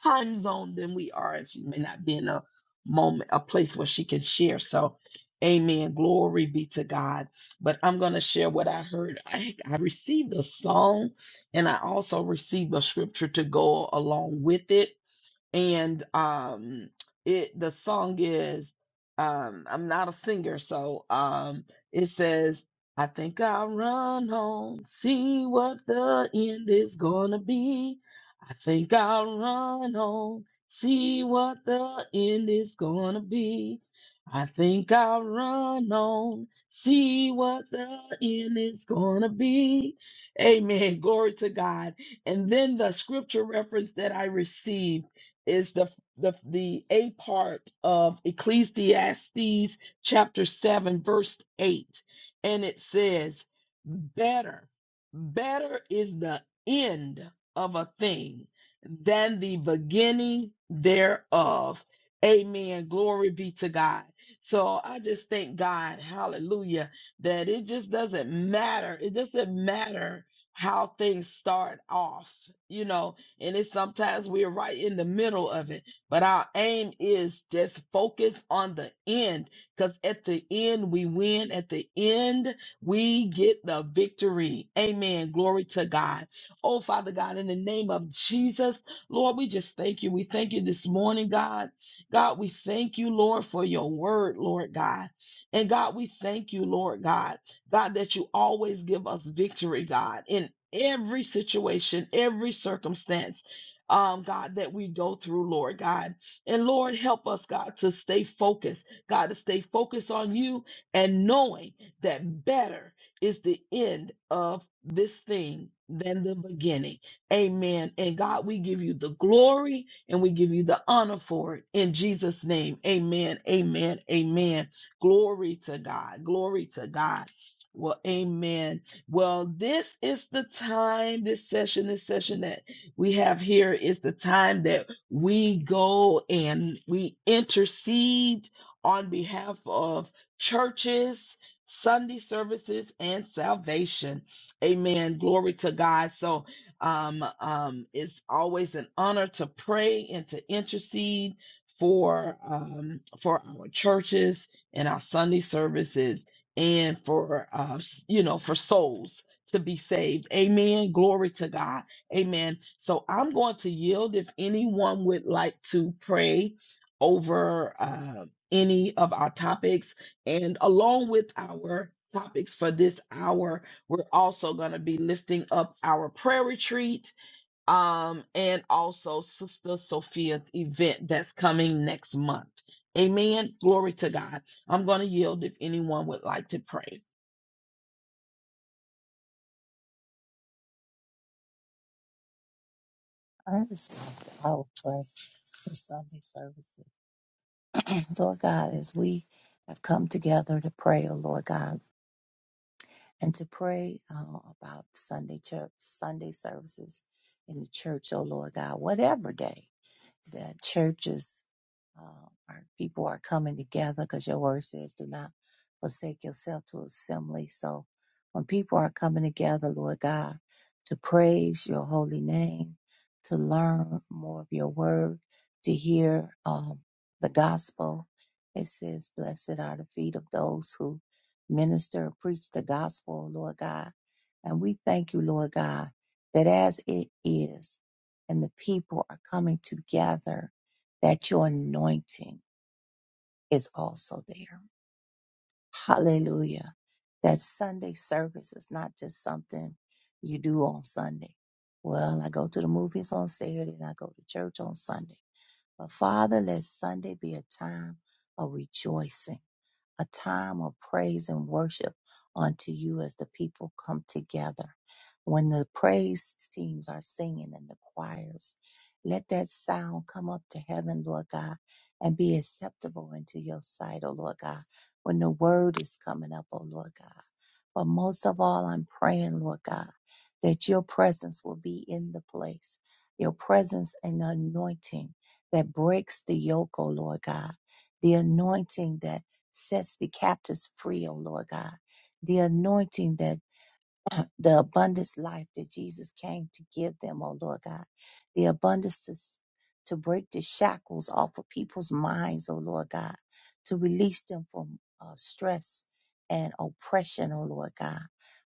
A: time zone than we are, and she may not be in a moment, a place where she can share. So, amen. Glory be to God. But I'm going to share what I heard. I, I received a song and I also received a scripture to go along with it and um it the song is um I'm not a singer so um it says I think I'll run home see what the end is gonna be I think I'll run home see what the end is gonna be I think I'll run home see what the end is gonna be Amen glory to God and then the scripture reference that I received is the the the a part of Ecclesiastes chapter 7 verse 8 and it says better better is the end of a thing than the beginning thereof amen glory be to God so I just thank God hallelujah that it just doesn't matter it doesn't matter how things start off you know and it's sometimes we're right in the middle of it but our aim is just focus on the end because at the end we win at the end we get the victory amen glory to god oh father god in the name of jesus lord we just thank you we thank you this morning god god we thank you lord for your word lord god and god we thank you lord god god that you always give us victory god in every situation, every circumstance, um, God, that we go through, Lord God. And Lord, help us, God, to stay focused, God, to stay focused on you and knowing that better is the end of this thing than the beginning. Amen. And God, we give you the glory and we give you the honor for it in Jesus' name. Amen. Amen. Amen. Glory to God. Glory to God. Well, amen. Well, this is the time, this session, this session that we have here is the time that we go and we intercede on behalf of churches, Sunday services, and salvation. Amen. Glory to God. So, um, um, it's always an honor to pray and to intercede for um, for our churches and our Sunday services and for uh, s- you know for souls to be saved amen glory to god amen so i'm going to yield if anyone would like to pray over uh, any of our topics and along with our topics for this hour we're also going to be lifting up our prayer retreat um, and also Sister Sophia's event that's coming next month. Amen. Glory to God. I'm going to yield if anyone would like to pray.
B: I understand. that I will pray for Sunday services. Lord God, as we have come together to pray, oh Lord God, and to pray uh, about Sunday church, Sunday services in the church, oh Lord God, whatever day. that churches uh, are people are coming together because your word says do not forsake yourself to assembly. So when people are coming together, Lord God, to praise your holy name, to learn more of your word, to hear um, the gospel, it says, Blessed are the feet of those who minister and preach the gospel, Lord God. And we thank you, Lord God, that as it is, and the people are coming together, that your anointing is also there. Hallelujah. That Sunday service is not just something you do on Sunday. Well, I go to the movies on Saturday and I go to church on Sunday. But Father, let Sunday be a time of rejoicing a time of praise and worship unto you as the people come together. When the praise teams are singing and the choirs, let that sound come up to heaven, Lord God, and be acceptable into your sight, O Lord God. When the word is coming up, O Lord God. But most of all, I'm praying, Lord God, that your presence will be in the place, your presence and anointing that breaks the yoke, O Lord God, the anointing that sets the captives free, O Lord God. The anointing that the abundance life that Jesus came to give them, oh Lord God. The abundance to, s- to break the shackles off of people's minds, oh Lord God, to release them from uh, stress and oppression, oh Lord God.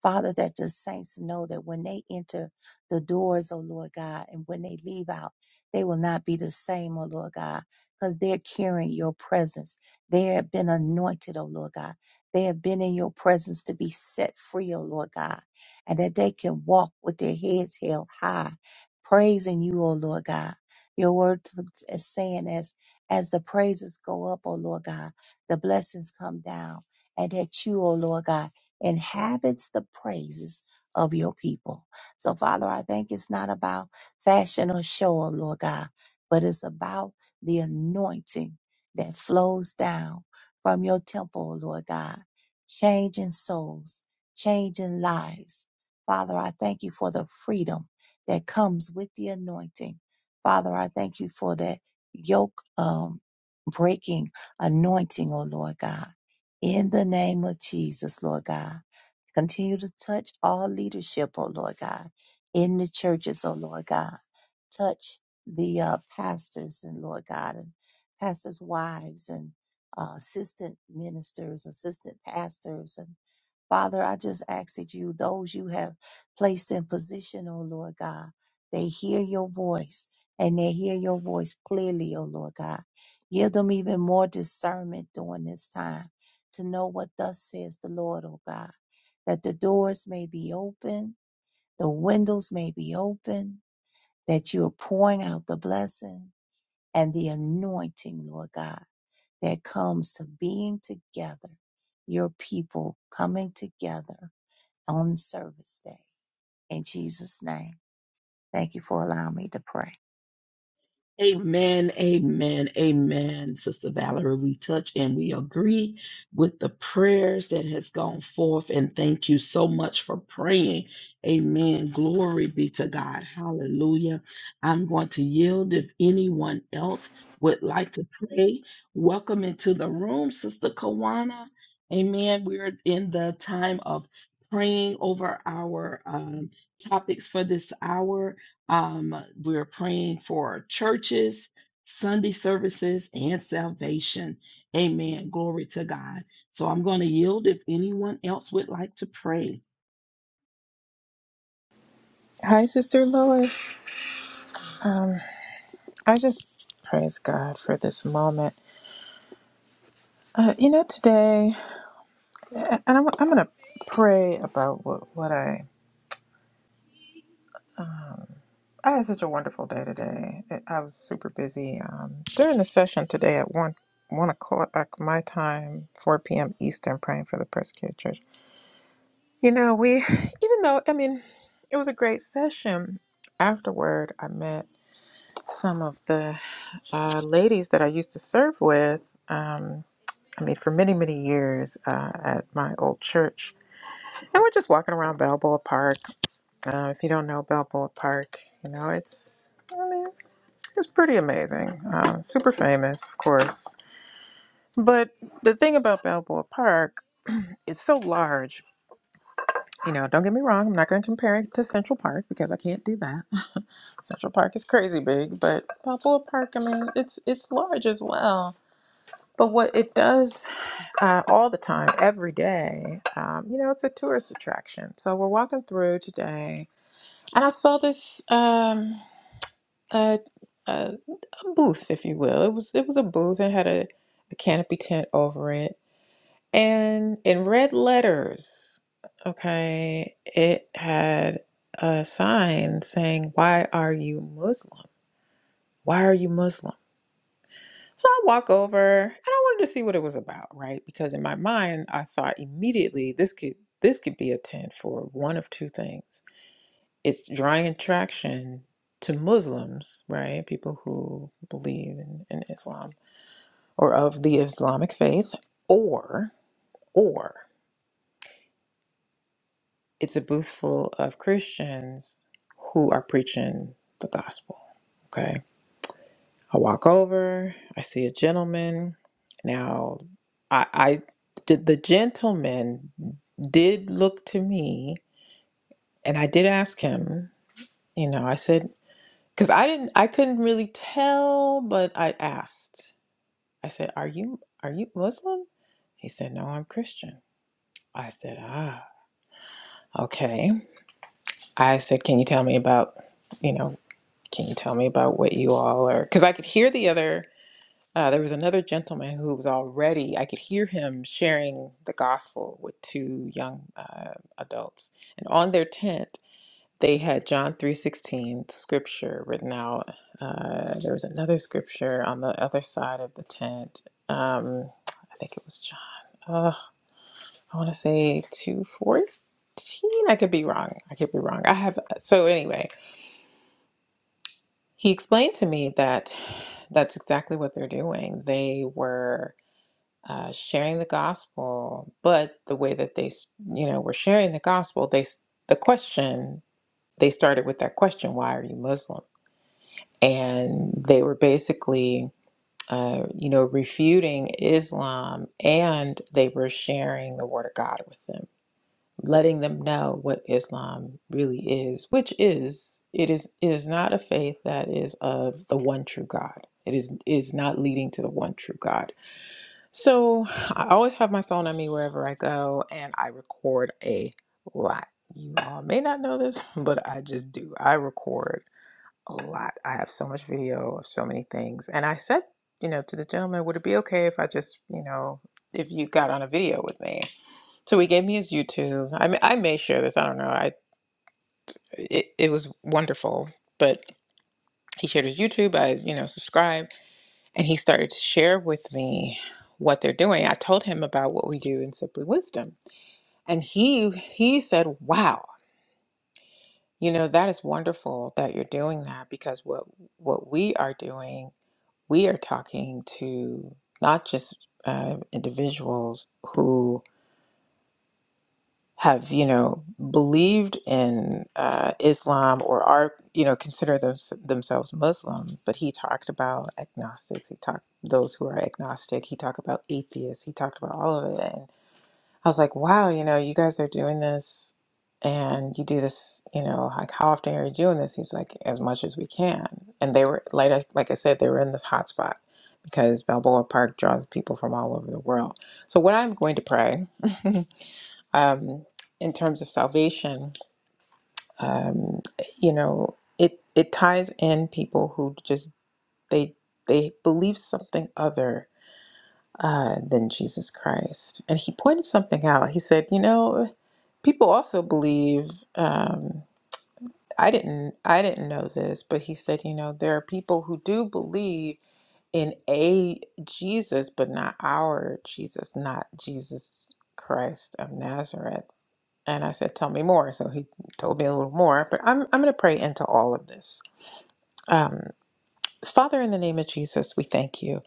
B: Father, that the saints know that when they enter the doors, oh Lord God, and when they leave out, they will not be the same, oh Lord God, because they're carrying your presence. They have been anointed, oh Lord God. They have been in your presence to be set free, oh Lord God and that they can walk with their heads held high, praising you, O Lord God. Your word is saying as as the praises go up, O Lord God, the blessings come down, and that you, O Lord God, inhabits the praises of your people. So, Father, I think it's not about fashion or show, O Lord God, but it's about the anointing that flows down from your temple, O Lord God, changing souls, changing lives, Father, I thank you for the freedom that comes with the anointing. Father, I thank you for that yoke um, breaking anointing, oh Lord God. In the name of Jesus, Lord God. Continue to touch all leadership, oh Lord God, in the churches, oh Lord God. Touch the uh, pastors and Lord God, and pastors' wives and uh, assistant ministers, assistant pastors, and Father, I just ask that you, those you have placed in position, O Lord God. They hear your voice and they hear your voice clearly, O Lord God. Give them even more discernment during this time to know what thus says the Lord, O God. That the doors may be open, the windows may be open, that you are pouring out the blessing and the anointing, Lord God, that comes to being together, your people coming together on service day. In Jesus' name. Thank you for allowing me to pray.
A: Amen, amen, amen, Sister Valerie. We touch and we agree with the prayers that has gone forth, and thank you so much for praying. Amen. Glory be to God. Hallelujah. I'm going to yield if anyone else would like to pray. Welcome into the room, Sister Kawana. Amen. We're in the time of praying over our um, topics for this hour. Um, we're praying for churches, Sunday services, and salvation. Amen. Glory to God. So I'm going to yield if anyone else would like to pray.
D: Hi, Sister Lois. Um, I just praise God for this moment. Uh, you know, today, and I'm, I'm going to pray about what, what I. I had such a wonderful day today. I was super busy um, during the session today at one one o'clock my time, four p.m. Eastern, praying for the persecuted church. You know, we, even though I mean, it was a great session. Afterward, I met some of the uh, ladies that I used to serve with. Um, I mean, for many, many years uh, at my old church. And we're just walking around Balboa Park. Uh, if you don't know Balboa Park, you know, it's, I mean, it's, it's pretty amazing. Um, super famous, of course. But the thing about Balboa Park, it's so large. You know, don't get me wrong, I'm not going to compare it to Central Park because I can't do that. Central Park is crazy big, but Balboa Park, I mean, it's it's large as well. But what it does uh, all the time, every day. Um, you know, it's a tourist attraction. So we're walking through today, and I saw this um, uh, uh, a booth, if you will. It was it was a booth and had a, a canopy tent over it, and in red letters, okay, it had a sign saying, "Why are you Muslim? Why are you Muslim?" So I walk over and I wanted to see what it was about, right? Because in my mind, I thought immediately this could this could be a tent for one of two things. It's drawing attraction to Muslims, right? People who believe in, in Islam or of the Islamic faith, or or it's a booth full of Christians who are preaching the gospel. Okay. I walk over, I see a gentleman. Now, I, I did the gentleman did look to me, and I did ask him, you know, I said, because I didn't, I couldn't really tell, but I asked. I said, "Are you are you Muslim?" He said, "No, I'm Christian." I said, "Ah, okay." I said, "Can you tell me about, you know, can you tell me about what you all are?" Because I could hear the other Uh, there was another gentleman who was already, I could hear him sharing the gospel with two young uh, adults. And on their tent, they had John 3:16 scripture written out. Uh, there was another scripture on the other side of the tent. Um, I think it was John. Uh, I want to say 2:14. I could be wrong. I could be wrong. I have uh, so anyway, he explained to me that that's exactly what they're doing. They were uh, sharing the gospel, but the way that they, s- you know, were sharing the gospel, they s- the question they started with that question, "Why are you Muslim?" And they were basically, uh, you know, refuting Islam, and they were sharing the Word of God with them, letting them know what Islam really is, which is it is it is not a faith that is of the one true God. It is it is not leading to the one true God so I always have my phone on me wherever I go, and I record a lot. You all may not know this, but I just do. I record a lot. I have so much video of so many things. And I said, you know, to the gentleman, would it be okay if I just, you know, if you got on a video with me? So he gave me his YouTube. I may, I may share this. I don't know. I it, it was wonderful, but he shared his YouTube. I, you know, subscribed. And he started to share with me what they're doing. I told him about what we do in Simply Wisdom. And he he said, Wow, you know, that is wonderful that you're doing that because what what we are doing, we are talking to not just uh, individuals who have you know believed in uh, Islam or are you know consider thems- themselves Muslim, but he talked about agnostics. He talked those who are agnostic. He talked about atheists. He talked about all of it. And I was like, wow, you know, you guys are doing this, and you do this. You know, like how often are you doing this? He's like, as much as we can. And they were like, I, like I said, they were in this hot spot because Balboa Park draws people from all over the world. So what I'm going to pray. um, in terms of salvation, um, you know, it it ties in people who just they they believe something other uh, than Jesus Christ. And he pointed something out. He said, you know, people also believe. Um, I didn't I didn't know this, but he said, you know, there are people who do believe in a Jesus, but not our Jesus, not Jesus Christ of Nazareth And I said, Tell me more. So he told me a little more, but I'm, I'm going to pray into all of this. Um, Father, in the name of Jesus, we thank you.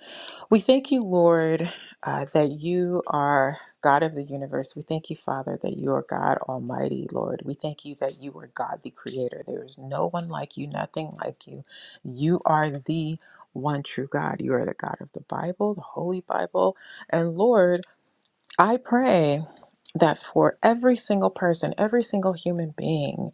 D: We thank you, Lord, uh, that you are God of the universe. We thank you, Father, that you are God Almighty, Lord. We thank you that you are God the Creator. There is no one like you, nothing like you. You are the one true God. You are the God of the Bible, the Holy Bible. And Lord, I pray that for every single person, every single human being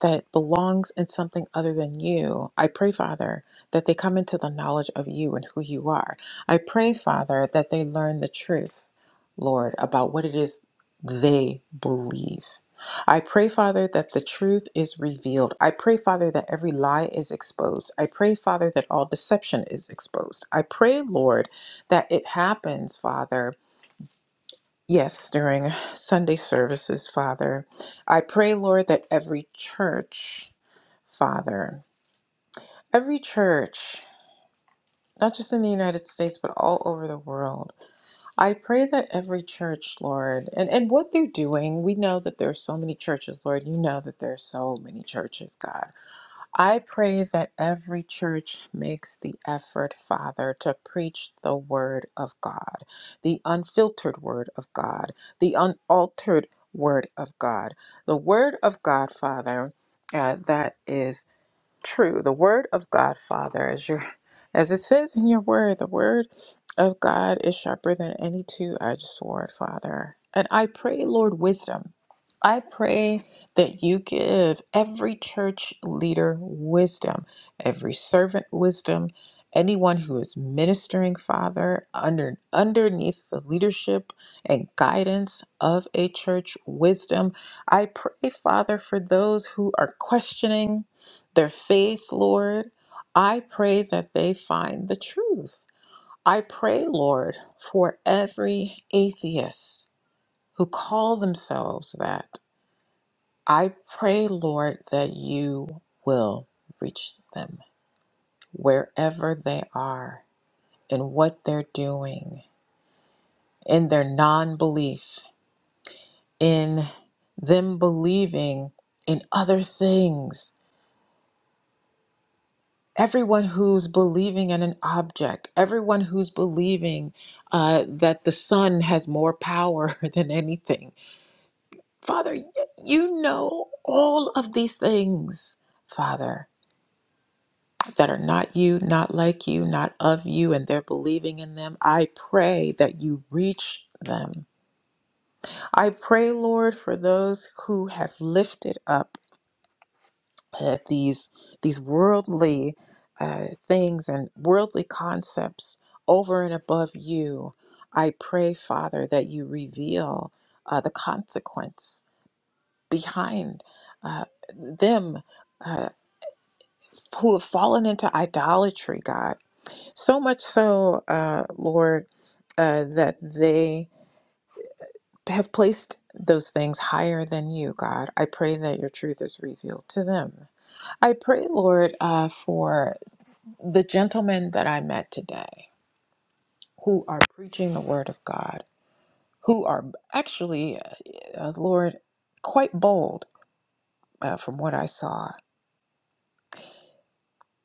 D: that belongs in something other than you, I pray, Father, that they come into the knowledge of you and who you are. I pray, Father, that they learn the truth, Lord, about what it is they believe. I pray, Father, that the truth is revealed. I pray, Father, that every lie is exposed. I pray, Father, that all deception is exposed. I pray, Lord, that it happens, Father, Yes, during Sunday services, Father. I pray, Lord, that every church, Father, every church, not just in the United States, but all over the world, I pray that every church, Lord, and, and what they're doing, we know that there are so many churches, Lord. You know that there are so many churches, God. I pray that every church makes the effort, Father, to preach the Word of God, the unfiltered Word of God, the unaltered Word of God, the Word of God, Father, uh, that is true. The word of God, Father, as your as it says in your word, the word of God is sharper than any two-edged sword, Father. And I pray, Lord, wisdom. I pray that you give every church leader wisdom, every servant wisdom, anyone who is ministering, Father, under underneath the leadership and guidance of a church wisdom. I pray, Father, for those who are questioning their faith, Lord. I pray that they find the truth. I pray, Lord, for every atheist who call themselves that. I pray, Lord, that you will reach them wherever they are in what they're doing, in their non belief, in them believing in other things everyone who's believing in an object, everyone who's believing uh, that the sun has more power than anything. Father, y- you know all of these things, Father, that are not you, not like you, not of you, and they're believing in them. I pray that you reach them. I pray, Lord, for those who have lifted up. that these these worldly uh, things and worldly concepts over and above you. I pray, Father, that you reveal uh, the consequence behind uh, them uh, who have fallen into idolatry, God. So much so, uh, Lord, uh, that they have placed those things higher than you, God. I pray that your truth is revealed to them. I pray, Lord, uh, for the gentlemen that I met today who are preaching the word of God, who are actually, uh, uh, Lord, quite bold uh, from what I saw.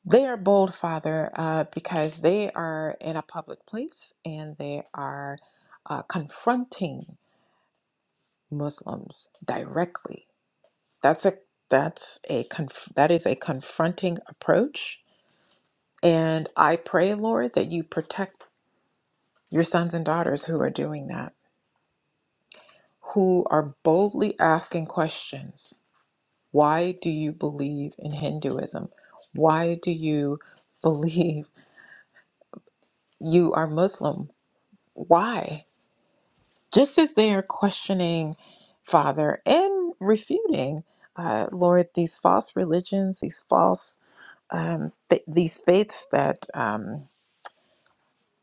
D: They are bold, Father, uh, because they are in a public place and they are uh, confronting Muslims directly. That's a that's a conf- that is a confronting approach, and I pray, Lord, that you protect your sons and daughters who are doing that who are boldly asking questions. Why do you believe in Hinduism? Why do you believe you are Muslim? Why? Just as they are questioning, Father, and refuting, uh, Lord, these false religions, these false, um, th- these faiths that um,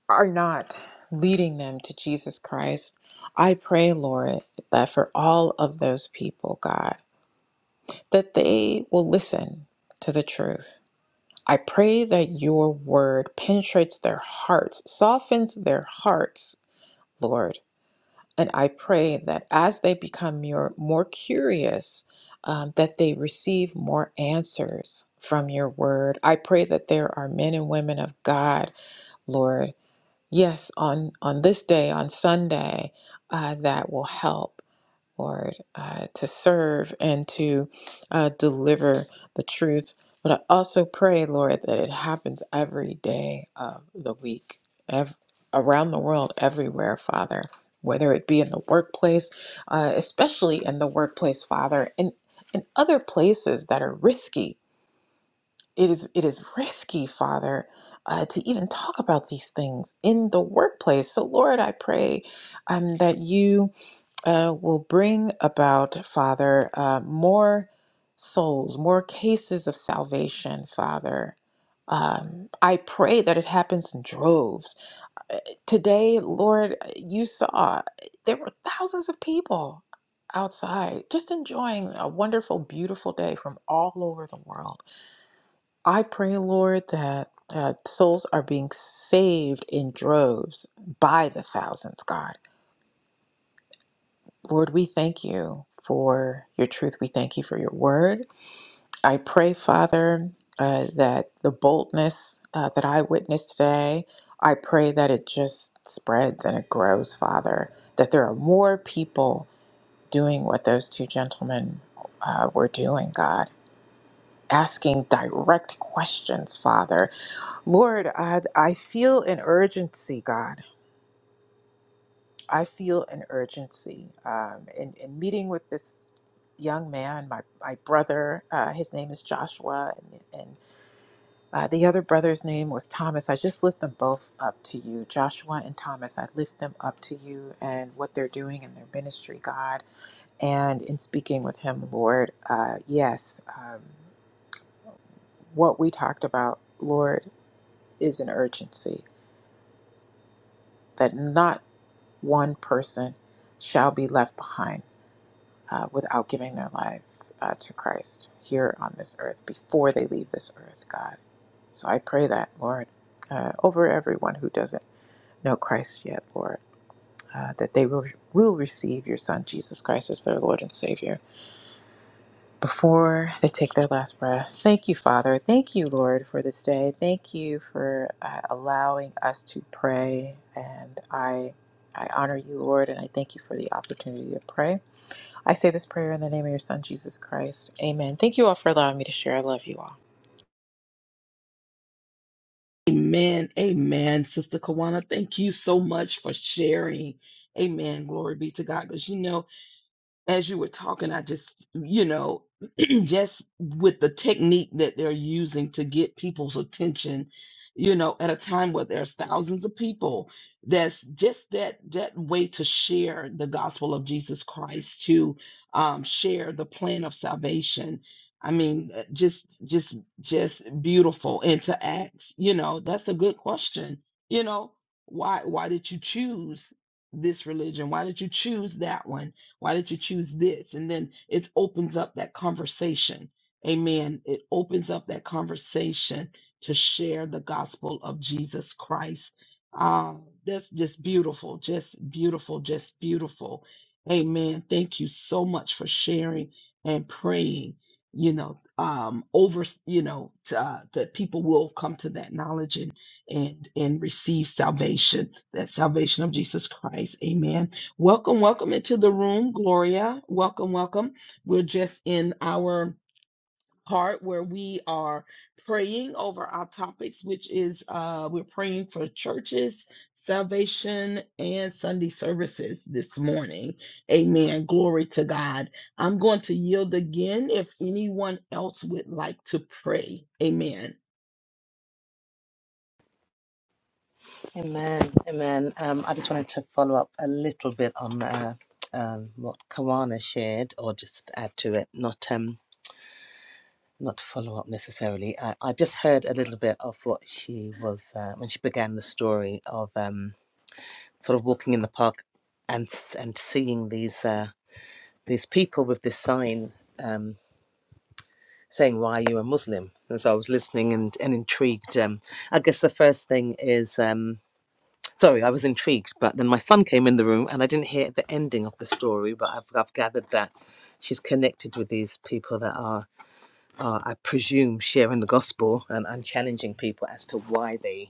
D: are not leading them to Jesus Christ. I pray, Lord, that for all of those people, God. that they will listen to the truth. I pray that your word penetrates their hearts, softens their hearts, Lord. And I pray that as they become your, more curious, um, that they receive more answers from your word. I pray that there are men and women of God, Lord, yes, on, on this day, on Sunday, uh, that will help. Lord, uh, to serve and to uh, deliver the truth. But I also pray, Lord, that it happens every day of the week, ev- around the world, everywhere, Father, whether it be in the workplace, uh, especially in the workplace, Father, and in other places that are risky. It is, it is risky, Father, uh, to even talk about these things in the workplace. So, Lord, I pray um, that you uh, will bring about, Father, uh, more souls, more cases of salvation, Father. Um, I pray that it happens in droves. Uh, Today, Lord, you saw there were thousands of people outside just enjoying a wonderful, beautiful day from all over the world. I pray, Lord, that uh, souls are being saved in droves by the thousands, God. Lord, we thank you for your truth. We thank you for your word. I pray, Father, uh, that the boldness uh, that I witnessed today, I pray that it just spreads and it grows, Father, that there are more people doing what those two gentlemen uh, were doing, God. Asking direct questions, Father. Lord, I, I feel an urgency, God. I feel an urgency um, in, in meeting with this young man, my, my brother. Uh, his name is Joshua, and, and uh, the other brother's name was Thomas. I just lift them both up to you, Joshua and Thomas. I lift them up to you and what they're doing in their ministry, God. And in speaking with him, Lord, uh, yes, um, what we talked about, Lord, is an urgency that not one person shall be left behind uh, without giving their life uh, to Christ here on this earth before they leave this earth, God. So I pray that, Lord, uh, over everyone who doesn't know Christ yet, Lord, uh, that they will, will receive your Son, Jesus Christ, as their Lord and Savior before they take their last breath. Thank you, Father. Thank you, Lord, for this day. Thank you for uh, allowing us to pray. And I, I honor you, Lord, and I thank you for the opportunity to pray. I say this prayer in the name of your Son, Jesus Christ. Amen. Thank you all for allowing me to share. I love you all.
A: Amen. Amen. Sister Kawana, thank you so much for sharing. Amen. Glory be to God. Because you know, as you were talking, I just, you know, just with the technique that they're using to get people's attention, you know, at a time where there's thousands of people, that's just that that way to share the gospel of Jesus Christ, to um, share the plan of salvation. I mean, uh, just, just, just beautiful. And to ask, you know, that's a good question. You know, why, why did you choose this religion? Why did you choose that one? Why did you choose this? And then it opens up that conversation. Amen. It opens up that conversation to share the gospel of Jesus Christ. Ah, that's just beautiful, just beautiful, just beautiful. Amen. Thank you so much for sharing and praying. You know, um, over you know to, uh, that people will come to that knowledge and and and receive salvation, that salvation of Jesus Christ. Amen Welcome, welcome into the room, Gloria. Welcome, welcome. We're just in our part where we are praying over our topics, which is uh, we're praying for churches, salvation, and Sunday services this morning. Amen. Glory to God. I'm going to yield again if anyone else would like to pray. Amen.
E: Amen. Amen. Um, I just wanted to follow up a little bit on uh, um, what Kawana shared, or just add to it. Not um, not follow up necessarily. I, I just heard a little bit of what she was uh, when she began the story of um, sort of walking in the park and s- and seeing these uh, these people with this sign. Um, saying why you are muslim and so i was listening and, and intrigued um, i guess the first thing is um, Sorry, I was intrigued, but then my son came in the room and I didn't hear the ending of the story, but I've, I've gathered that she's connected with these people that are, are, I presume, sharing the gospel and, and challenging people as to why they,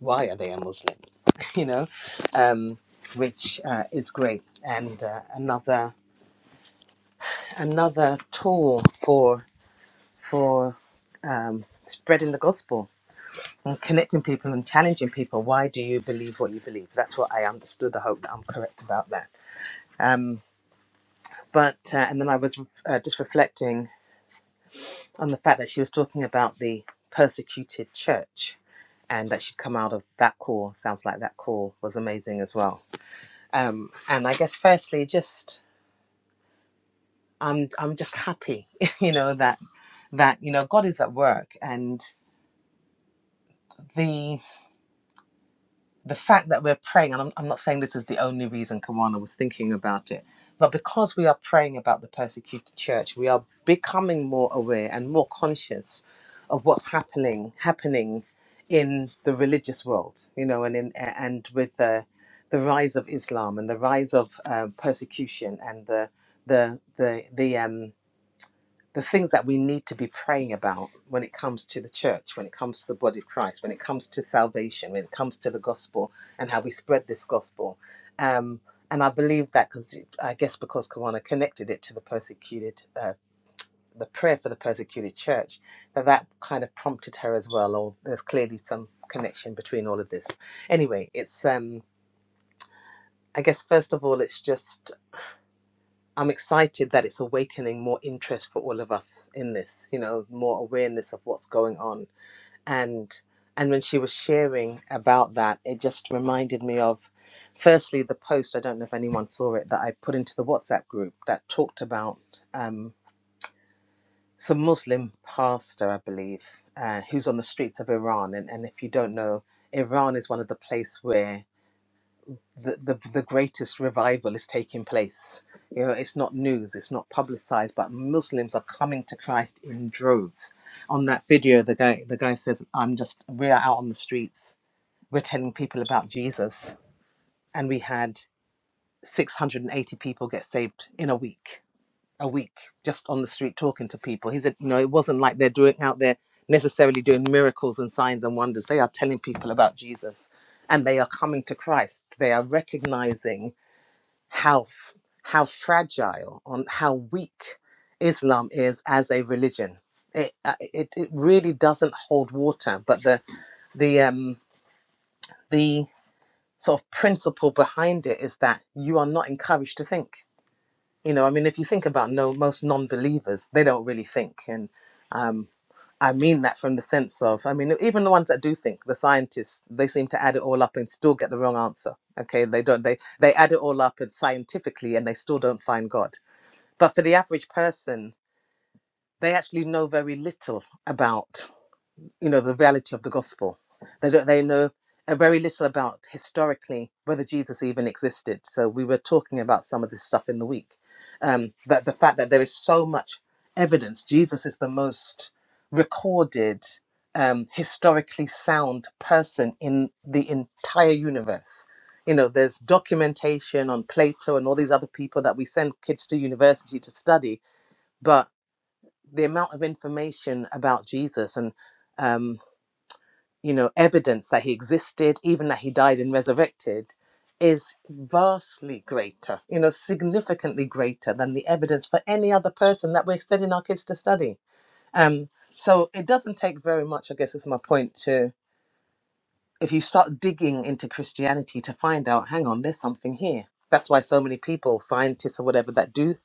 E: why are they a Muslim, you know, um, which uh, is great. And uh, another, another tool for, for um, spreading the gospel and connecting people and challenging people. Why do you believe what you believe? That's what I understood. I hope that I'm correct about that Um, but uh, and then I was uh, just reflecting on the fact that she was talking about the persecuted church, and that she'd come out of that call. Sounds like that call was amazing as well. Um, and I guess firstly, just I'm I'm just happy, you know that that you know God is at work, and the the fact that we're praying, and I'm, I'm not saying this is the only reason Kawana was thinking about it, but because we are praying about the persecuted church, we are becoming more aware and more conscious of what's happening happening in the religious world, you know, and in and with uh, the rise of Islam and the rise of uh, persecution and the the the the um the things that we need to be praying about when it comes to the church, when it comes to the body of Christ, when it comes to salvation, when it comes to the gospel and how we spread this gospel. Um, and I believe that because I guess because Kawana connected it to the persecuted, uh, the prayer for the persecuted church, that that kind of prompted her as well. Or there's clearly some connection between all of this. Anyway, it's um, I guess first of all, it's just I'm excited that it's awakening more interest for all of us in this, you know, more awareness of what's going on. And and when she was sharing about that, it just reminded me of firstly the post, I don't know if anyone saw it, that I put into the WhatsApp group that talked about um some Muslim pastor, I believe, uh, who's on the streets of Iran. And, and if you don't know, Iran is one of the place where the, the the greatest revival is taking place. You know, it's not news, it's not publicized, but Muslims are coming to Christ in droves. On that video, the guy the guy says, "I'm just we are out on the streets. We're telling people about Jesus, and we had 680 people get saved in a week. A week, just on the street talking to people." He said, "You know, it wasn't like they're doing out there." necessarily doing miracles and signs and wonders they are telling people about jesus and they are coming to christ they are recognizing how f- how fragile on how weak Islam is as a religion. It, uh, it it really doesn't hold water. But the the um the sort of principle behind it is that you are not encouraged to think. You know, I mean, if you think about no most non-believers, they don't really think, and um, I mean that from the sense of, I mean, even the ones that do think, the scientists, they seem to add it all up and still get the wrong answer. Okay, they don't. They they add it all up and scientifically, and they still don't find God but for the average person they actually know very little about you know the reality of the gospel they don't they know uh, very little about historically whether jesus even existed so we were talking about some of this stuff in the week um, that the fact that there is so much evidence jesus is the most recorded um, historically sound person in the entire universe you know there's documentation on plato and all these other people that we send kids to university to study but the amount of information about Jesus and um, you know evidence that he existed, even that he died and resurrected, is vastly greater, you know, significantly greater than the evidence for any other person that we're setting our kids to study. Um, so it doesn't take very much, I guess, is my point to if you start digging into Christianity to find out, hang on, there's something here. That's why so many people, scientists or whatever, that do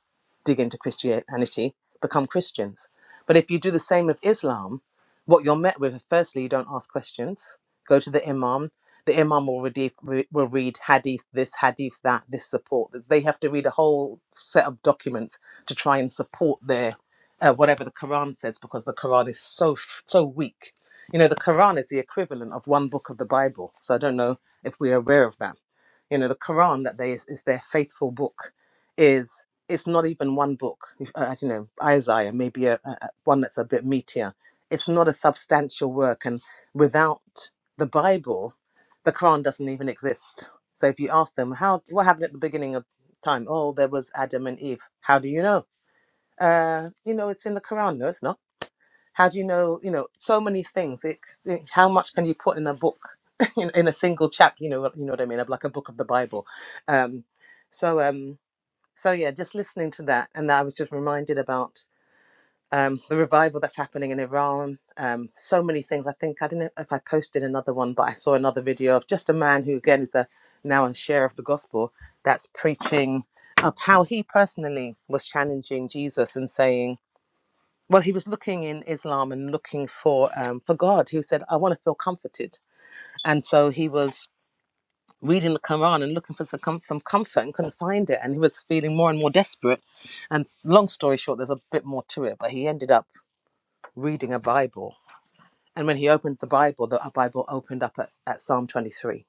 E: dig into Christianity become Christians. But if you do the same with Islam, what you're met with, firstly, you don't ask questions. Go to the Imam. The Imam will read, will read hadith, this hadith, that, this support. They have to read a whole set of documents to try and support their uh, whatever the Quran says because the Quran is so so weak you know, the Quran is the equivalent of one book of the Bible. So I don't know if we're aware of that. You know, the Quran that they is, is their faithful book is it's not even one book. If- Uh, you know, Isaiah maybe a, a a- one that's a bit meatier. It's not a substantial work, and without the Bible, the Quran doesn't even exist. So if you ask them how what happened at the beginning of time, oh, there was Adam and Eve. How do you know? Uh, you know, it's in the Quran. No, it's not how do you know, you know, so many things. It's, it- how much can you put in a book, in, in a single chapter, you know, what- you know what I mean, like a book of the Bible. Um, so, um, so yeah, just listening to that. And I was just reminded about um, the revival that's happening in Iran. Um, so many things. I think, I don't know if I posted another one, but I saw another video of just a man who again is a now a share of the gospel that's preaching of how he personally was challenging Jesus and saying, well he was looking in islam and looking for um, for god he said i want to feel comforted and so he was reading the quran and looking for some, com- some comfort and couldn't find it and he was feeling more and more desperate and s- long story short there's a bit more to it but he ended up reading a bible and when he opened the bible the a bible opened up at, at psalm 23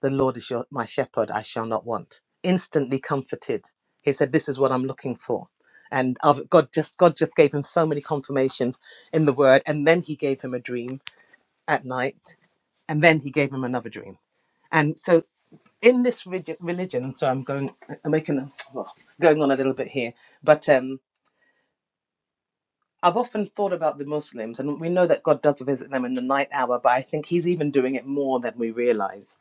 E: the Lord is your, my shepherd, I shall not want. Instantly comforted. He said, This is what I'm looking for. And I've- God just God just gave him so many confirmations in the word. And then he gave him a dream at night. And then he gave him another dream. And so in this relig- religion, so I'm going I'm making a- well, going on a little bit here, but um I've often thought about the Muslims, and we know that God does visit them in the night hour, but I think He's even doing it more than we realize.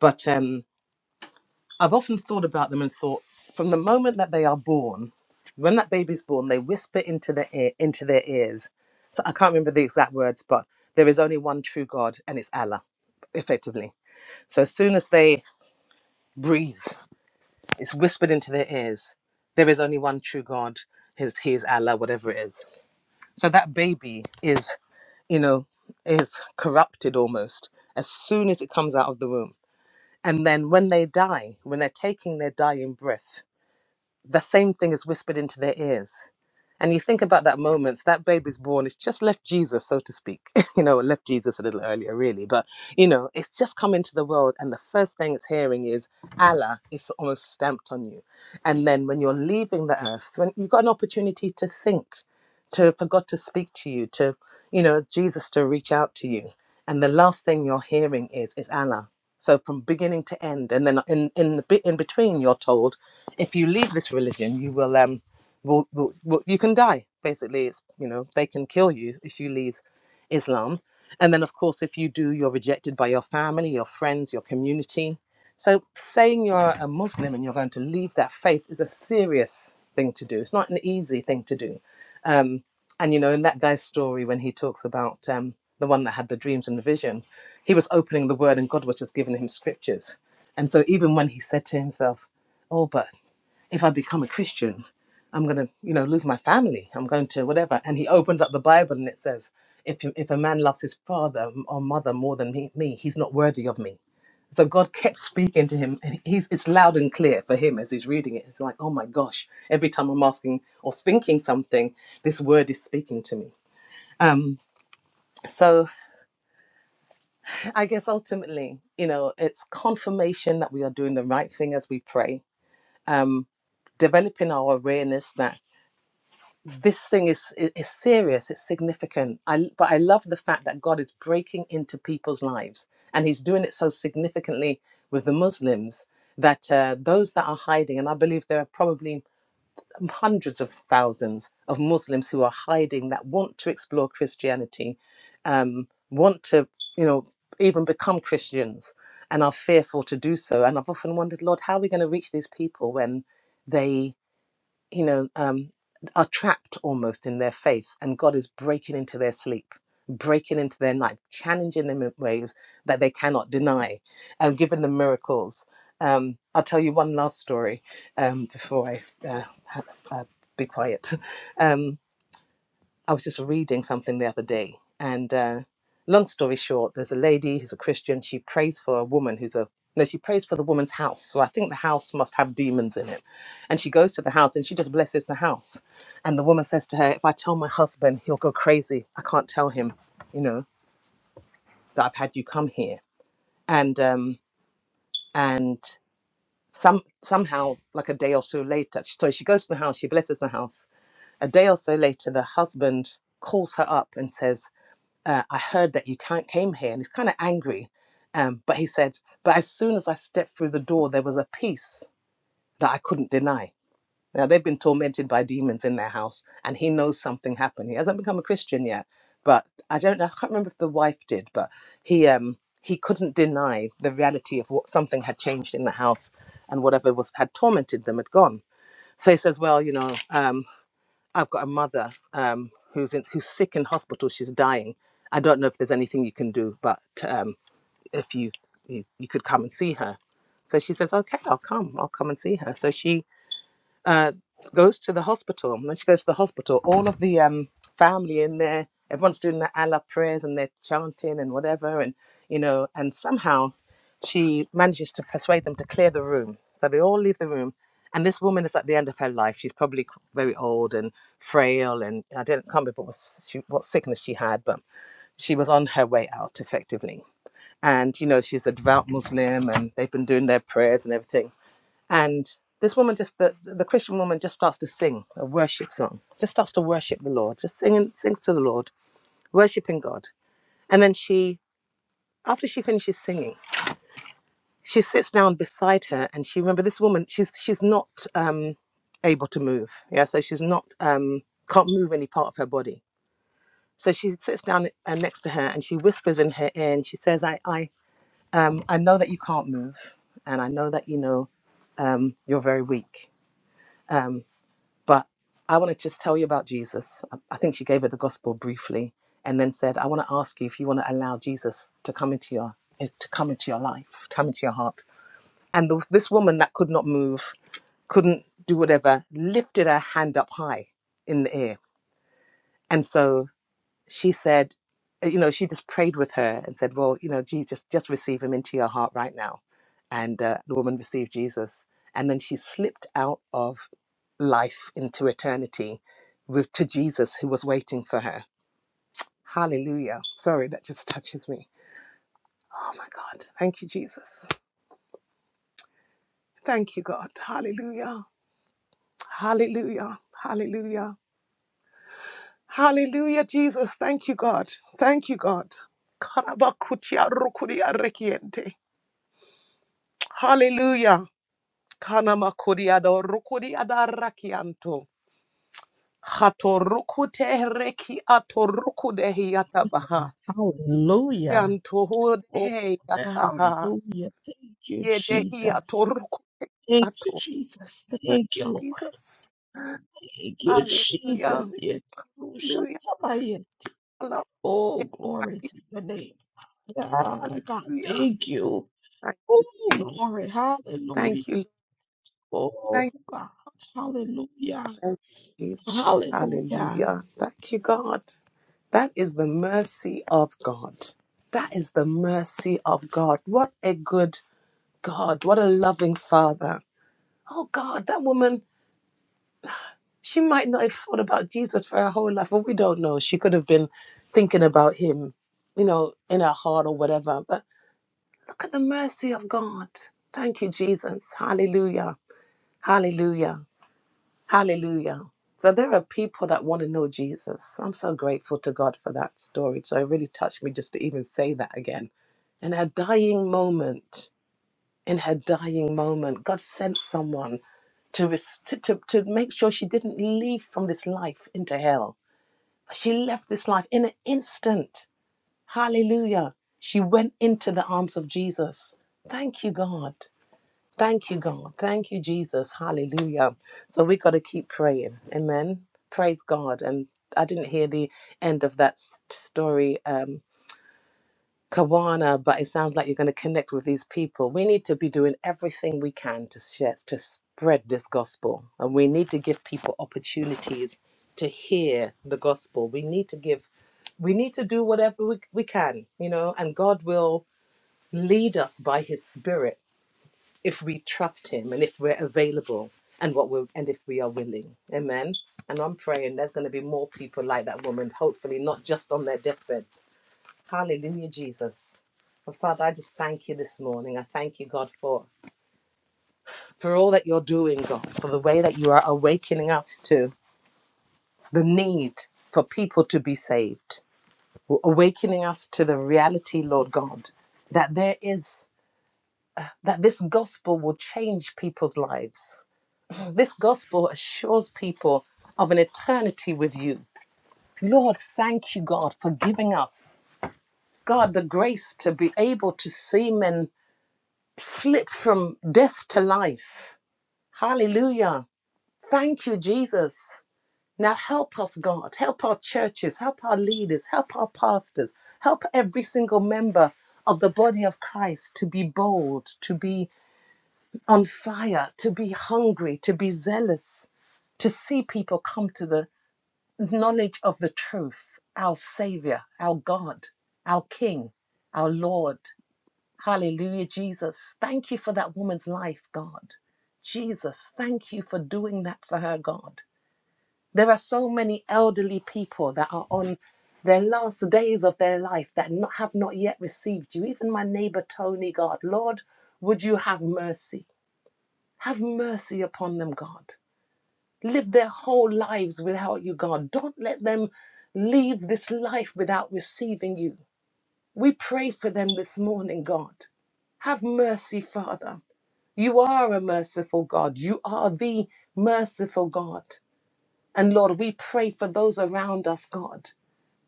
E: But um, I've often thought about them and thought from the moment that they are born, when that baby's born, they whisper into their ear, into their ears. So I can't remember the exact words, but there is only one true God, and it's Allah, effectively. So as soon as they breathe, it's whispered into their ears. There is only one true God. His He is Allah, whatever it is. So that baby is, you know, is corrupted almost as soon as it comes out of the womb. And then when they die, when they're taking their dying breath, the same thing is whispered into their ears. And you think about that moment, so that baby's born, it's just left Jesus, so to speak. you know, it left Jesus a little earlier, really, but you know, it's just come into the world, and the first thing it's hearing is Allah is almost stamped on you. And then when you're leaving the earth, when you've got an opportunity to think, to for God to speak to you, to you know, Jesus to reach out to you, and the last thing you're hearing is is Allah. So from beginning to end, and then in in the bit in between, you're told, if you leave this religion, you will um will, will, will you can die basically it's you know they can kill you if you leave islam and then of course if you do you're rejected by your family your friends your community so saying you're a muslim and you're going to leave that faith is a serious thing to do it's not an easy thing to do um, and you know in that guy's story when he talks about um, the one that had the dreams and the visions he was opening the word and god was just giving him scriptures and so even when he said to himself oh but if I become a Christian, I'm going to, you know, lose my family. I'm going to whatever. And he opens up the Bible and it says, if, if a man loves his father or mother more than me, me, he's not worthy of me. So God kept speaking to him, and he's it's loud and clear for him as he's reading it. It's like, oh my gosh! Every time I'm asking or thinking something, this word is speaking to me. Um, so I guess ultimately, you know, it's confirmation that we are doing the right thing as we pray. Um, developing our awareness that this thing is, is serious it's significant i but i love the fact that god is breaking into people's lives and he's doing it so significantly with the muslims that uh, those that are hiding and i believe there are probably hundreds of thousands of muslims who are hiding that want to explore christianity um, want to you know even become christians and are fearful to do so and i've often wondered lord how are we going to reach these people when they you know, um, are trapped almost in their faith, and God is breaking into their sleep, breaking into their night, challenging them in ways that they cannot deny, and giving them miracles. Um, I'll tell you one last story um, before I uh, ha- uh, be quiet. Um, I was just reading something the other day, and uh, long story short, there's a lady who's a Christian. She prays for a woman who's a no, she prays for the woman's house. So I think the house must have demons in it. And she goes to the house and she just blesses the house. And the woman says to her, If I tell my husband, he'll go crazy. I can't tell him, you know, that I've had you come here. And um and some somehow, like a day or so later, so she goes to the house, she blesses the house. A day or so later, the husband calls her up and says, uh, I heard that you can't, came here. And he's kind of angry. Um, but he said, But as soon as I stepped through the door, there was a peace that I couldn't deny. Now, they've been tormented by demons in their house, and he knows something happened. He hasn't become a Christian yet, but I don't know. I can't remember if the wife did, but he. Um, he couldn't deny the reality of what something had changed in the house and whatever was had tormented them had gone. So he says, Well, you know, um, I've got a mother um, who's in, who's sick in hospital. She's dying. I don't know if there's anything you can do, but um, if you, you you could come and see her. So she says, okay, I'll come. I'll come and see her. So she uh, goes to the hospital. And when she goes to the hospital, all of the um, family in there, everyone's doing the Allah prayers and they're chanting and whatever. And, you know, and somehow she manages to persuade them to clear the room. So they all leave the room. And this woman is at the end of her life. She's probably very old and frail. And I don't, can't remember what, she, what sickness she had, but she was on her way out effectively. And, you know, she's a devout Muslim and they've been doing their prayers and everything and this woman just the, the Christian woman just starts to sing a worship song, just starts to worship the Lord, just singing sings to the Lord, worshiping God. And then she after she finishes singing, she sits down beside her and she remember this woman, she's she's not um able to move. Yeah, so she's not um can't move any part of her body. So she sits down uh, next to her and she whispers in her ear and she says, I I um I know that you can't move and I know that you know um you're very weak. Um, But I want to just tell you about Jesus. I I think she gave it the gospel briefly and then said, I want to ask you if you want to allow Jesus to come into your eh, to come into your life, to come into your heart. And there was this woman that could not move, couldn't do whatever, lifted her hand up high in the air. And so she said, eh, you know, she just prayed with her and said, well, you know, Jesus, just receive him into your heart right now. And uh, the woman received Jesus. And then she slipped out of life into eternity with to Jesus who was waiting for her. Hallelujah. Sorry, that just touches me. Oh my God. Thank you, Jesus. Thank you, God. Hallelujah. Hallelujah. Hallelujah. Hallelujah, Jesus. Thank you, God. Thank you, God. Karabakutia rukuria rekiente. Hallelujah. Kanama kuriado rukuriada rakianto. Hato rukute reki ato rukudehi
A: Hallelujah.
E: atabaha.
A: Hallelujah.
E: Yanto
A: Oh,
E: hudehe ataha.
A: hallelujah. Thank you,
E: Yedehi
A: Jesus.
E: ato ruku
A: Thank you,
E: ato.
A: Jesus.
E: Thank
A: Thank you, Lord.
E: you, Jesus.
A: Thank you,
E: Hallelujah.
A: Jesus.
E: Hallelujah.
A: Yetorushatabayet. Oh, glory to your name. God, God,
E: Hallelujah.
A: thank you.
E: Hallelujah. Thank you.
A: Oh,
E: Jesus.
A: glory. Hallelujah.
E: Thank you. Lord. Thank
A: Oh, God. Hallelujah.
E: Thank you, Jesus.
A: Hallelujah.
E: Hallelujah. Thank you, God. That is the mercy of God. That is the mercy of God. What a good God. What a loving Father. Oh, God, that woman, she might not have thought about Jesus for her whole life, but we don't know. She could have been thinking about him, you know, in her heart or whatever. But look at the mercy of God. Thank you, Jesus. Hallelujah. Hallelujah. Hallelujah. So there are people that want to know Jesus. I'm so grateful to God for that story. So it really touched me just to even say that again. In her dying moment, in her dying moment, God sent someone to, res- to, to, to make sure she didn't leave from this life into hell. But She left this life in an instant. Hallelujah. She went into the arms of Jesus. Thank you, God. Thank you, God. Thank you, Jesus. Hallelujah. So we got to keep praying. Amen. Praise God. And I didn't hear the end of that s- story, um, Kawana, but it sounds like you're going to connect with these people. We need to be doing everything we can to share, to spread this gospel. And we need to give people opportunities to hear the gospel. We need to give, we need to do whatever we, we can, you know, and God will lead us by his spirit if we trust him and if we're available and what we're and if we are willing amen and i'm praying there's going to be more people like that woman hopefully not just on their deathbeds hallelujah jesus but father i just thank you this morning i thank you god for for all that you're doing god for the way that you are awakening us to the need for people to be saved awakening us to the reality lord god that there is that this gospel will change people's lives This gospel assures people of an eternity with you. Lord, thank you, God, for giving us, God, the grace to be able to see men slip from death to life. Hallelujah. Thank you, Jesus. Now help us, God. Help our churches, help our leaders, help our pastors, help every single member of the body of Christ to be bold, to be on fire, to be hungry, to be zealous, to see people come to the knowledge of the truth, our Savior, our God, our King, our Lord. Hallelujah, Jesus. Thank you for that woman's life, God. Jesus, thank you for doing that for her, God. There are so many elderly people that are on their last days of their life that not, have not yet received you. Even my neighbor Tony, God, Lord, would you have mercy? Have mercy upon them, God live their whole lives without you, God. Don't let them leave this life without receiving you. We pray for them this morning, God. Have mercy, Father. You are a merciful God. You are the merciful God. And Lord, we pray for those around us, God,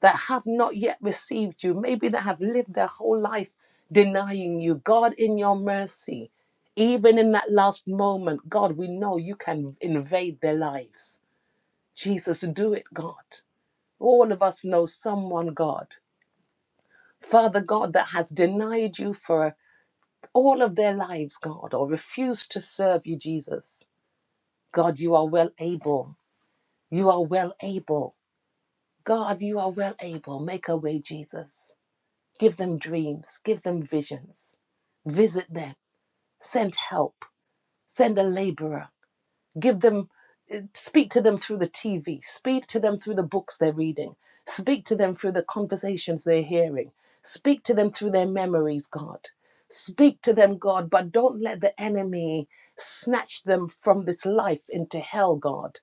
E: that have not yet received you, maybe that have lived their whole life denying you. God, in your mercy, even in that last moment, God, we know you can invade their lives. Jesus, do it, God. All of us know someone, God. Father God, that has denied you for all of their lives, God, or refused to serve you, Jesus. God, you are well able. You are well able. God, you are well able. Make a way, Jesus. Give them dreams, give them visions. Visit them, send help, send a laborer. give them eh, speak to them through the tv speak to them through the books they're reading speak to them through the conversations they're hearing speak to them through their memories god speak to them god but don't let the enemy snatch them from this life into hell god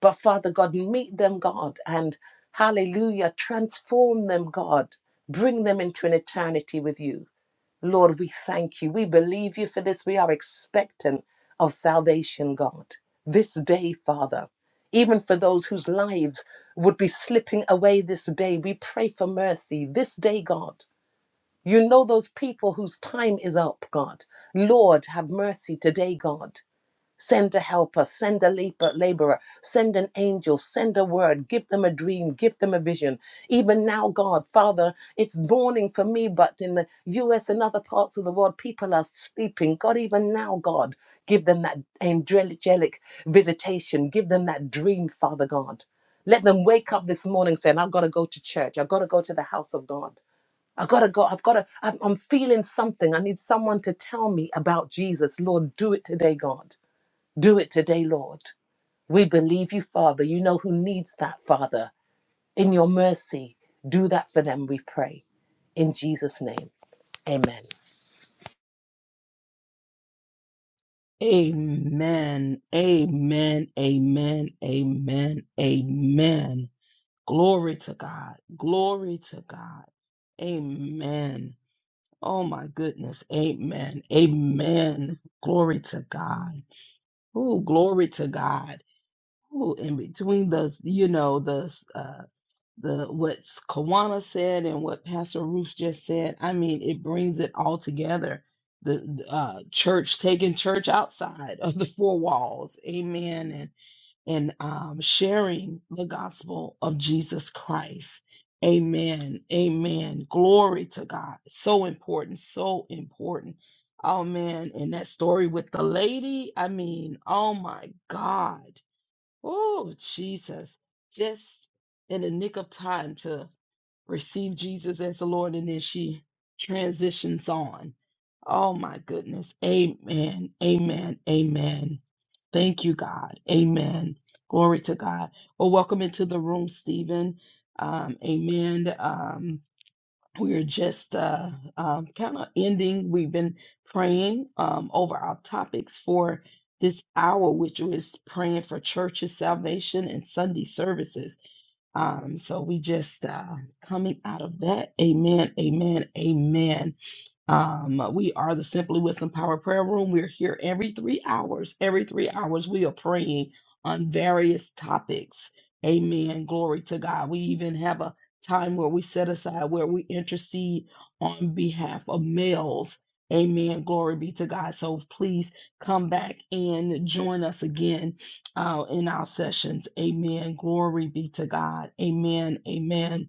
E: but father god meet them god and hallelujah transform them god bring them into an eternity with you Lord, we thank you. We believe you for this. We are expectant of salvation, God. This day, Father, even for those whose lives would be slipping away this day, we pray for mercy. This day, God. You know those people whose time is up, God. Lord, have mercy today, God. Send a helper, send a lab- laborer, send an angel, send a word, give them a dream, give them a vision. Even now, God, Father, it's morning for me, but in the US and other parts of the world, people are sleeping. God, even now, God, give them that angelic visitation, give them that dream, Father God. Let them wake up this morning saying, I've got to go to church, I've got to go to the house of God. I gotta go. I've gotta. I'm I'm feeling something. I need someone to tell me about Jesus. Lord, do it today, God. Do it today, Lord. We believe you, Father. You know who needs that, Father. In your mercy, do that for them, we pray. In Jesus' name, amen.
A: Amen. Amen. Amen. Amen. Amen. Glory to God. Glory to God. Amen. Oh my goodness. Amen. Amen. Glory to God. Oh, glory to God. Oh, in between the, you know, the, uh, the, what Kawana said and what Pastor Ruth just said, I mean, it brings it all together. The uh, church taking church outside of the four walls. Amen and um, sharing the gospel of Jesus Christ. Amen. Amen. Glory to God. So important. So important. Oh, man. And that story with the lady, I mean, oh my God. Oh, Jesus. Just in the nick of time to receive Jesus as the Lord, and then she transitions on. Oh my goodness. Amen. Amen. Amen. Thank you, God. Amen. Glory to God. Well, welcome into the room, Stephen. Um, amen. Um, we are just uh, um, kind of ending. We've been praying um, over our topics for this hour, which is praying for churches, salvation, and Sunday services. Um, so we just uh, coming out of that. Amen, amen, amen. Um, we are the Simply Wisdom Power Prayer Room. We're here every three hours. Every three hours, we are praying on various topics. Amen. Glory to God. We even have a time where we set aside where we intercede on behalf of males. Amen. Glory be to God. So please come back and join us again uh, in our sessions. Amen. Glory be to God. Amen. Amen.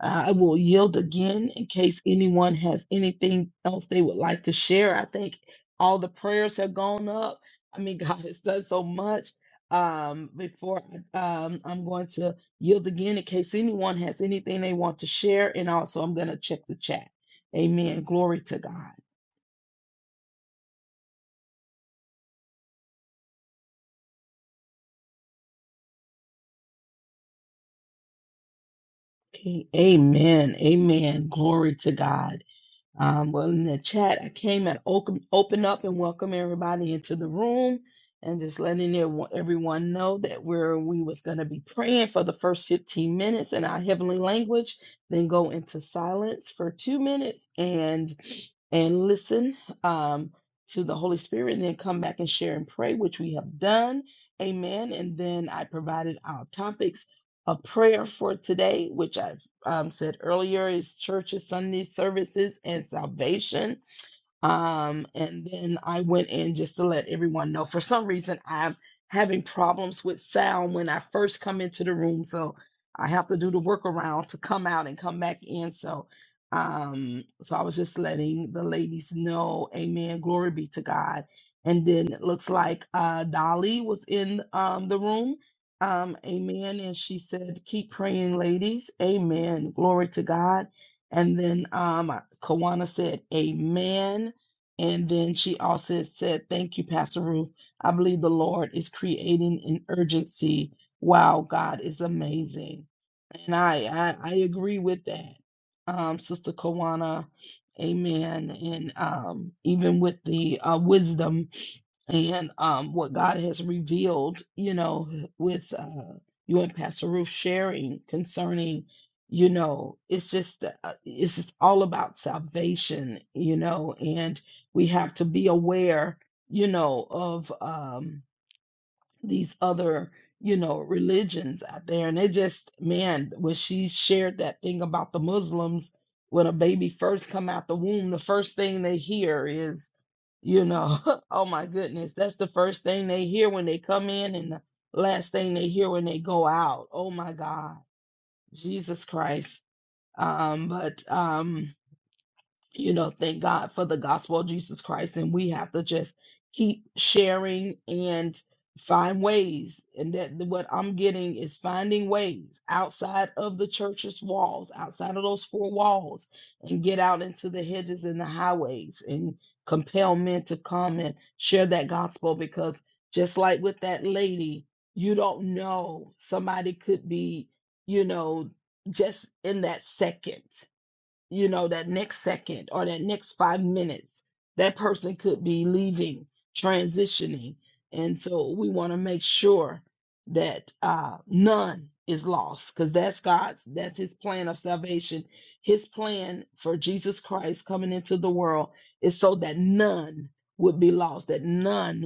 A: Uh, I will yield again in case anyone has anything else they would like to share. I think all the prayers have gone up. I mean, God has done so much. Um, before um, I'm going to yield again in case anyone has anything they want to share, and also I'm going to check the chat. Amen. Glory to God. Okay. Amen. Amen. Glory to God. Um, well, in the chat, I came and open, open up and welcome everybody into the room and just letting it- everyone know that where we was going to be praying for the first 15 minutes in our heavenly language, then go into silence for two minutes and and listen um, to the Holy Spirit and then come back and share and pray, which we have done. Amen. And then I provided our topics of prayer for today, which I um, said earlier, is churches, Sunday services, and salvation. Um, and then I went in just to let everyone know. For some reason, I'm having problems with sound when I first come into the room, so I have to do the workaround to come out and come back in. So, um, so I was just letting the ladies know, Amen, glory be to God. And then it looks like uh, Dolly was in um, the room. Um, amen. And she said, Keep praying, ladies. Amen. Glory to God. And then um, Kawana said, Amen. And then she also said, Thank you, Pastor Ruth. I believe the Lord is creating an urgency. Wow, God is amazing. And I I, I agree with that. Um, Sister Kawana, amen. And um, even with the uh, wisdom and um, what God has revealed, you know, with uh, you and Pastor Ruth sharing concerning, you know, it's just uh, uh, it's just all about salvation, you know, and we have to be aware, you know, of um, these other you know religions out there, and it just man, when she shared that thing about the Muslims. When a baby first come out the womb, the first thing they hear is you know, oh my goodness, that's the first thing they hear when they come in and the last thing they hear when they go out. Oh my God, Jesus Christ. Um, but um you know, thank God for the gospel of Jesus Christ. And we have to just keep sharing and find ways. And that what I'm getting is finding ways outside of the church's walls, outside of those four walls, and get out into the hedges and the highways and compel men to come and share that gospel because just like with that lady, you don't know somebody could be, you know, just in that second you know, that next second or that next five minutes, that person could be leaving, transitioning. And so we want to make sure that uh, none is lost because that's God's, that's his plan of salvation. His plan for Jesus Christ coming into the world is so that none would be lost, that none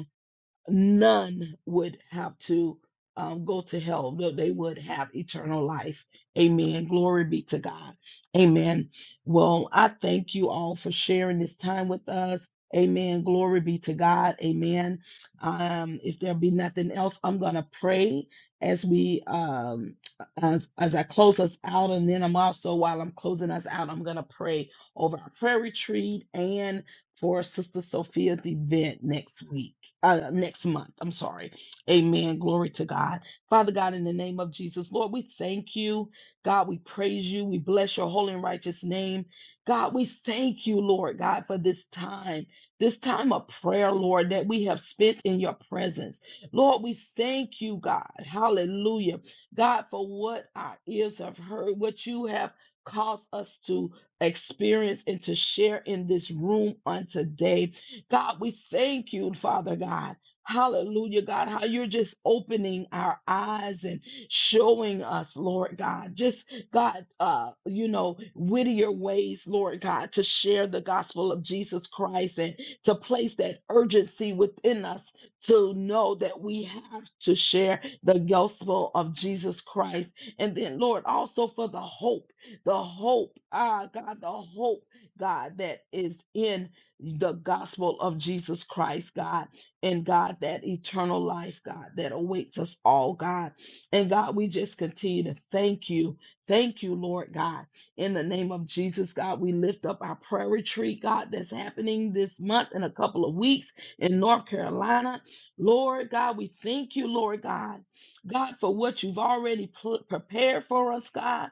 A: none would have to um, go to hell, but they would have eternal life. Amen. Glory be to God. Amen. Well, I thank you all for sharing this time with us. Amen. Glory be to God. Amen. Um, if there be nothing else, I'm gonna pray as we um as as I close us out, and then I'm also while I'm closing us out, I'm gonna pray over our prayer retreat and for Sister Sophia's event next week, uh, next month. I'm sorry. Amen. Glory to God. Father God, in the name of Jesus, Lord, we thank you. God, we praise you. We bless your holy and righteous name. God, we thank you, Lord God, for this time, this time of prayer, Lord, that we have spent in your presence. Lord, we thank you, God. Hallelujah. God, for what our ears have heard, what you have caused us to experience and to share in this room on today. God, we thank you, Father God. Hallelujah, God, how you're just opening our eyes and showing us, Lord God, just God, uh, you know, wittier ways, Lord God, to share the gospel of Jesus Christ and to place that urgency within us to know that we have to share the gospel of Jesus Christ. And then, Lord, also for the hope the hope, ah, God, the hope, God, that is in the gospel of Jesus Christ, God, and God, that eternal life, God, that awaits us all, God. And God, we just continue to thank you. Thank you, Lord God. In the name of Jesus, God, we lift up our prayer retreat, God, that's happening this month in a couple of weeks in North Carolina. Lord God, we thank you, Lord God, God, for what you've already pl- prepared for us, God.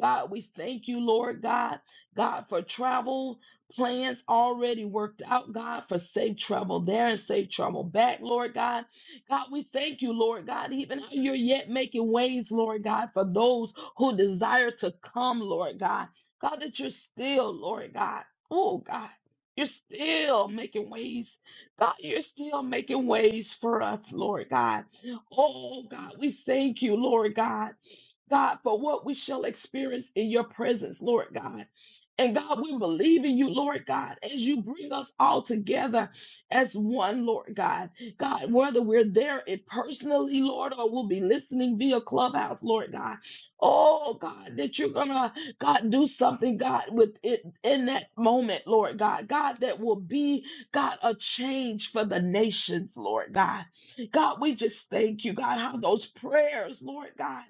A: God, we thank you, Lord God, God, for travel plans already worked out, God, for safe travel there and safe travel back, Lord God. God, we thank you, Lord God, even how you're yet making ways, Lord God, for those who desire to come, Lord God. God, that you're still, Lord God. Oh, God. You're still making ways. God, you're still making ways for us, Lord God. Oh, God, we thank you, Lord God. God, for what we shall experience in your presence, Lord God. And God, we believe in you, Lord God, as you bring us all together as one, Lord God. God, whether we're there it personally, Lord, or we'll be listening via Clubhouse, Lord God. Oh, God, that you're going to, God, do something, God, with it in that moment, Lord God. God, that will be, God, a change for the nations, Lord God. God, we just thank you, God, how those prayers, Lord God.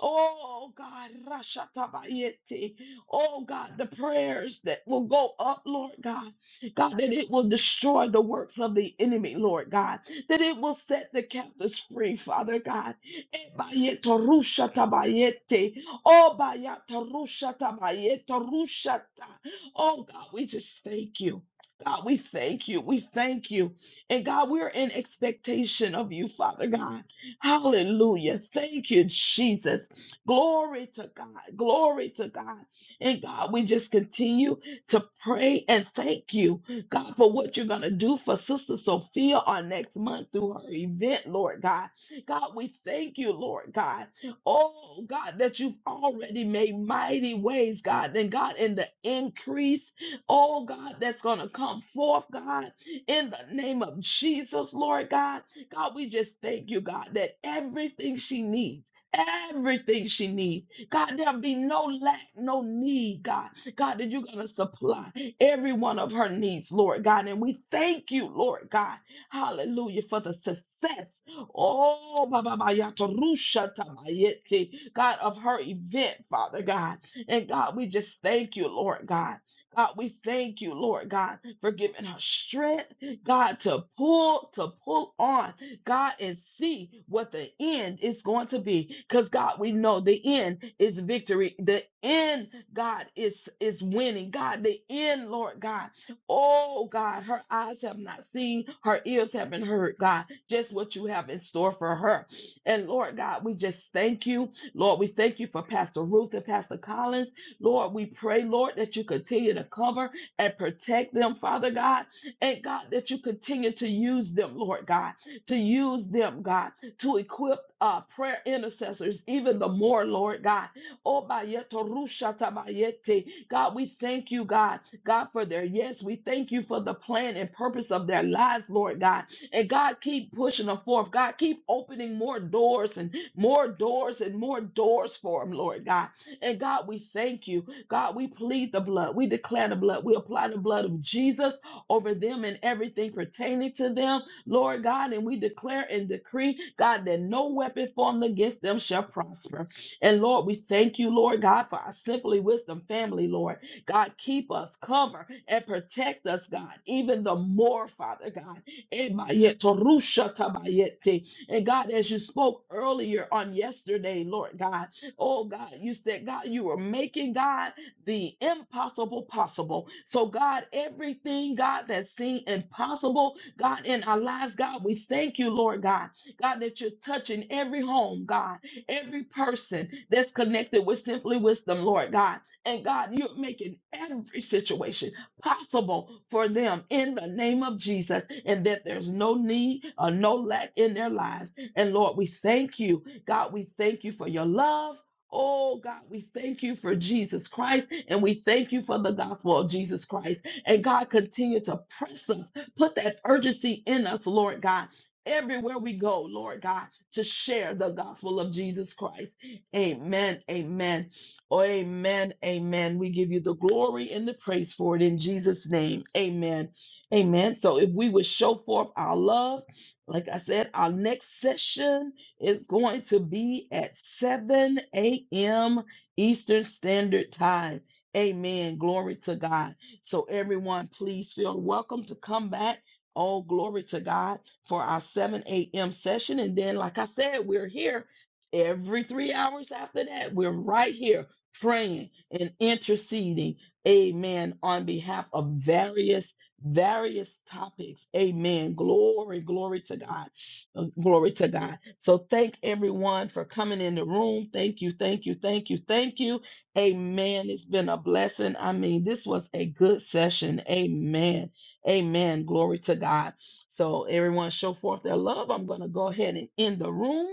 A: Oh God, Rashatabayete. Oh God, the prayers that will go up, Lord God. God, that it will destroy the works of the enemy, Lord God. That it will set the captives free, Father God. Ebayeto rushatabayete. Oh bayata rushatabayete rushata. Oh God, we just thank you. God, we thank you. We thank you. And God, we're in expectation of you, Father God. Hallelujah. Thank you, Jesus. Glory to God. Glory to God. And God, we just continue to pray and thank you, God, for what you're going to do for Sister Sophia on next month through her event, Lord God. God, we thank you, Lord God. Oh, God, that you've already made mighty ways, God. And God, in the increase, oh, God, that's going to come forth, God, in the name of Jesus, Lord God. God, we just thank you, God, that everything she needs, everything she needs, God, there'll be no lack, no need, God. God, that you're going to supply every one of her needs, Lord God. And we thank you, Lord God. Hallelujah for the success. Oh, ba, ba, ba, ya, to, ru, sha, ta, ba, ye, te, God, of her event, Father God. And God, we just thank you, Lord God. God, we thank you, Lord God, for giving her strength, God, to pull, to pull on. God, and see what the end is going to be. Because God, we know the end is victory. The end, God, is is winning. God, the end, Lord God. Oh God, her eyes have not seen, her ears haven't heard, God, just what you have in store for her. And Lord God, we just thank you. Lord, we thank you for Pastor Ruth and Pastor Collins. Lord, we pray, Lord, that you continue to cover and protect them, Father God. And God, that you continue to use them, Lord God to use them, God, to equip uh, prayer intercessors, even the more, Lord God. Oh, bayeto rusha tabayete. God, we thank you, God, God, for their yes. We thank you for the plan and purpose of their lives, Lord God. And God, keep pushing them forth. God, keep opening more doors and more doors and more doors for them, Lord God. And God, we thank you. God, we plead the blood. We declare the blood. We apply the blood of Jesus over them and everything pertaining to them. Lord God, and we declare and decree, God, that no weapon formed against them shall prosper. And Lord, we thank you, Lord God, for our Simply Wisdom family, Lord. God, keep us, cover, and protect us, God, even the more, Father God. Ebayetorushatabayete. And God, as you spoke earlier on yesterday, Lord God, oh God, you said, God, you were making, God, the impossible possible. So, God, everything, God, that seemed impossible God, in our lives, God, we thank you, Lord God, God, that you're touching every home, God, every person that's connected with Simply Wisdom, Lord God. And God, you're making every situation possible for them in the name of Jesus, and that there's no need or no lack in their lives. And Lord, we thank you. God, we thank you for your love. Oh God, we thank you for Jesus Christ and we thank you for the gospel of Jesus Christ. And God, continue to press us Put that urgency in us, Lord God. Everywhere we go, Lord God, to share the gospel of Jesus Christ. Amen. Amen. Oh, amen. Amen. We give you the glory and the praise for it in Jesus' name. Amen. Amen. So if we would show forth our love, like I said, our next session is going to be at 7 a.m. Eastern Standard Time. Amen. Glory to God. So, everyone, please feel welcome to come back. All glory to God for our 7 a.m. session. And then, like I said, we're here every three hours after that. We're right here praying and interceding. Amen. On behalf of various, various topics. Amen. Glory, glory to God. Uh, Glory to God. So thank everyone for coming in the room. Thank you, thank you, thank you, thank you. Amen. It's been a blessing. I mean, this was a good session. Amen. Amen. Glory to God. So, everyone, show forth their love. I'm going to go ahead and end the room.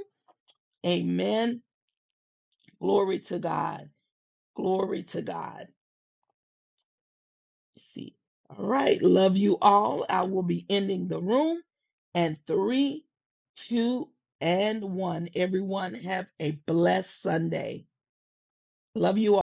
A: Amen. Glory to God. Glory to God. Let's see. All right. Love you all. I will be ending the room. And three, two, and one. Everyone, have a blessed Sunday. Love you all.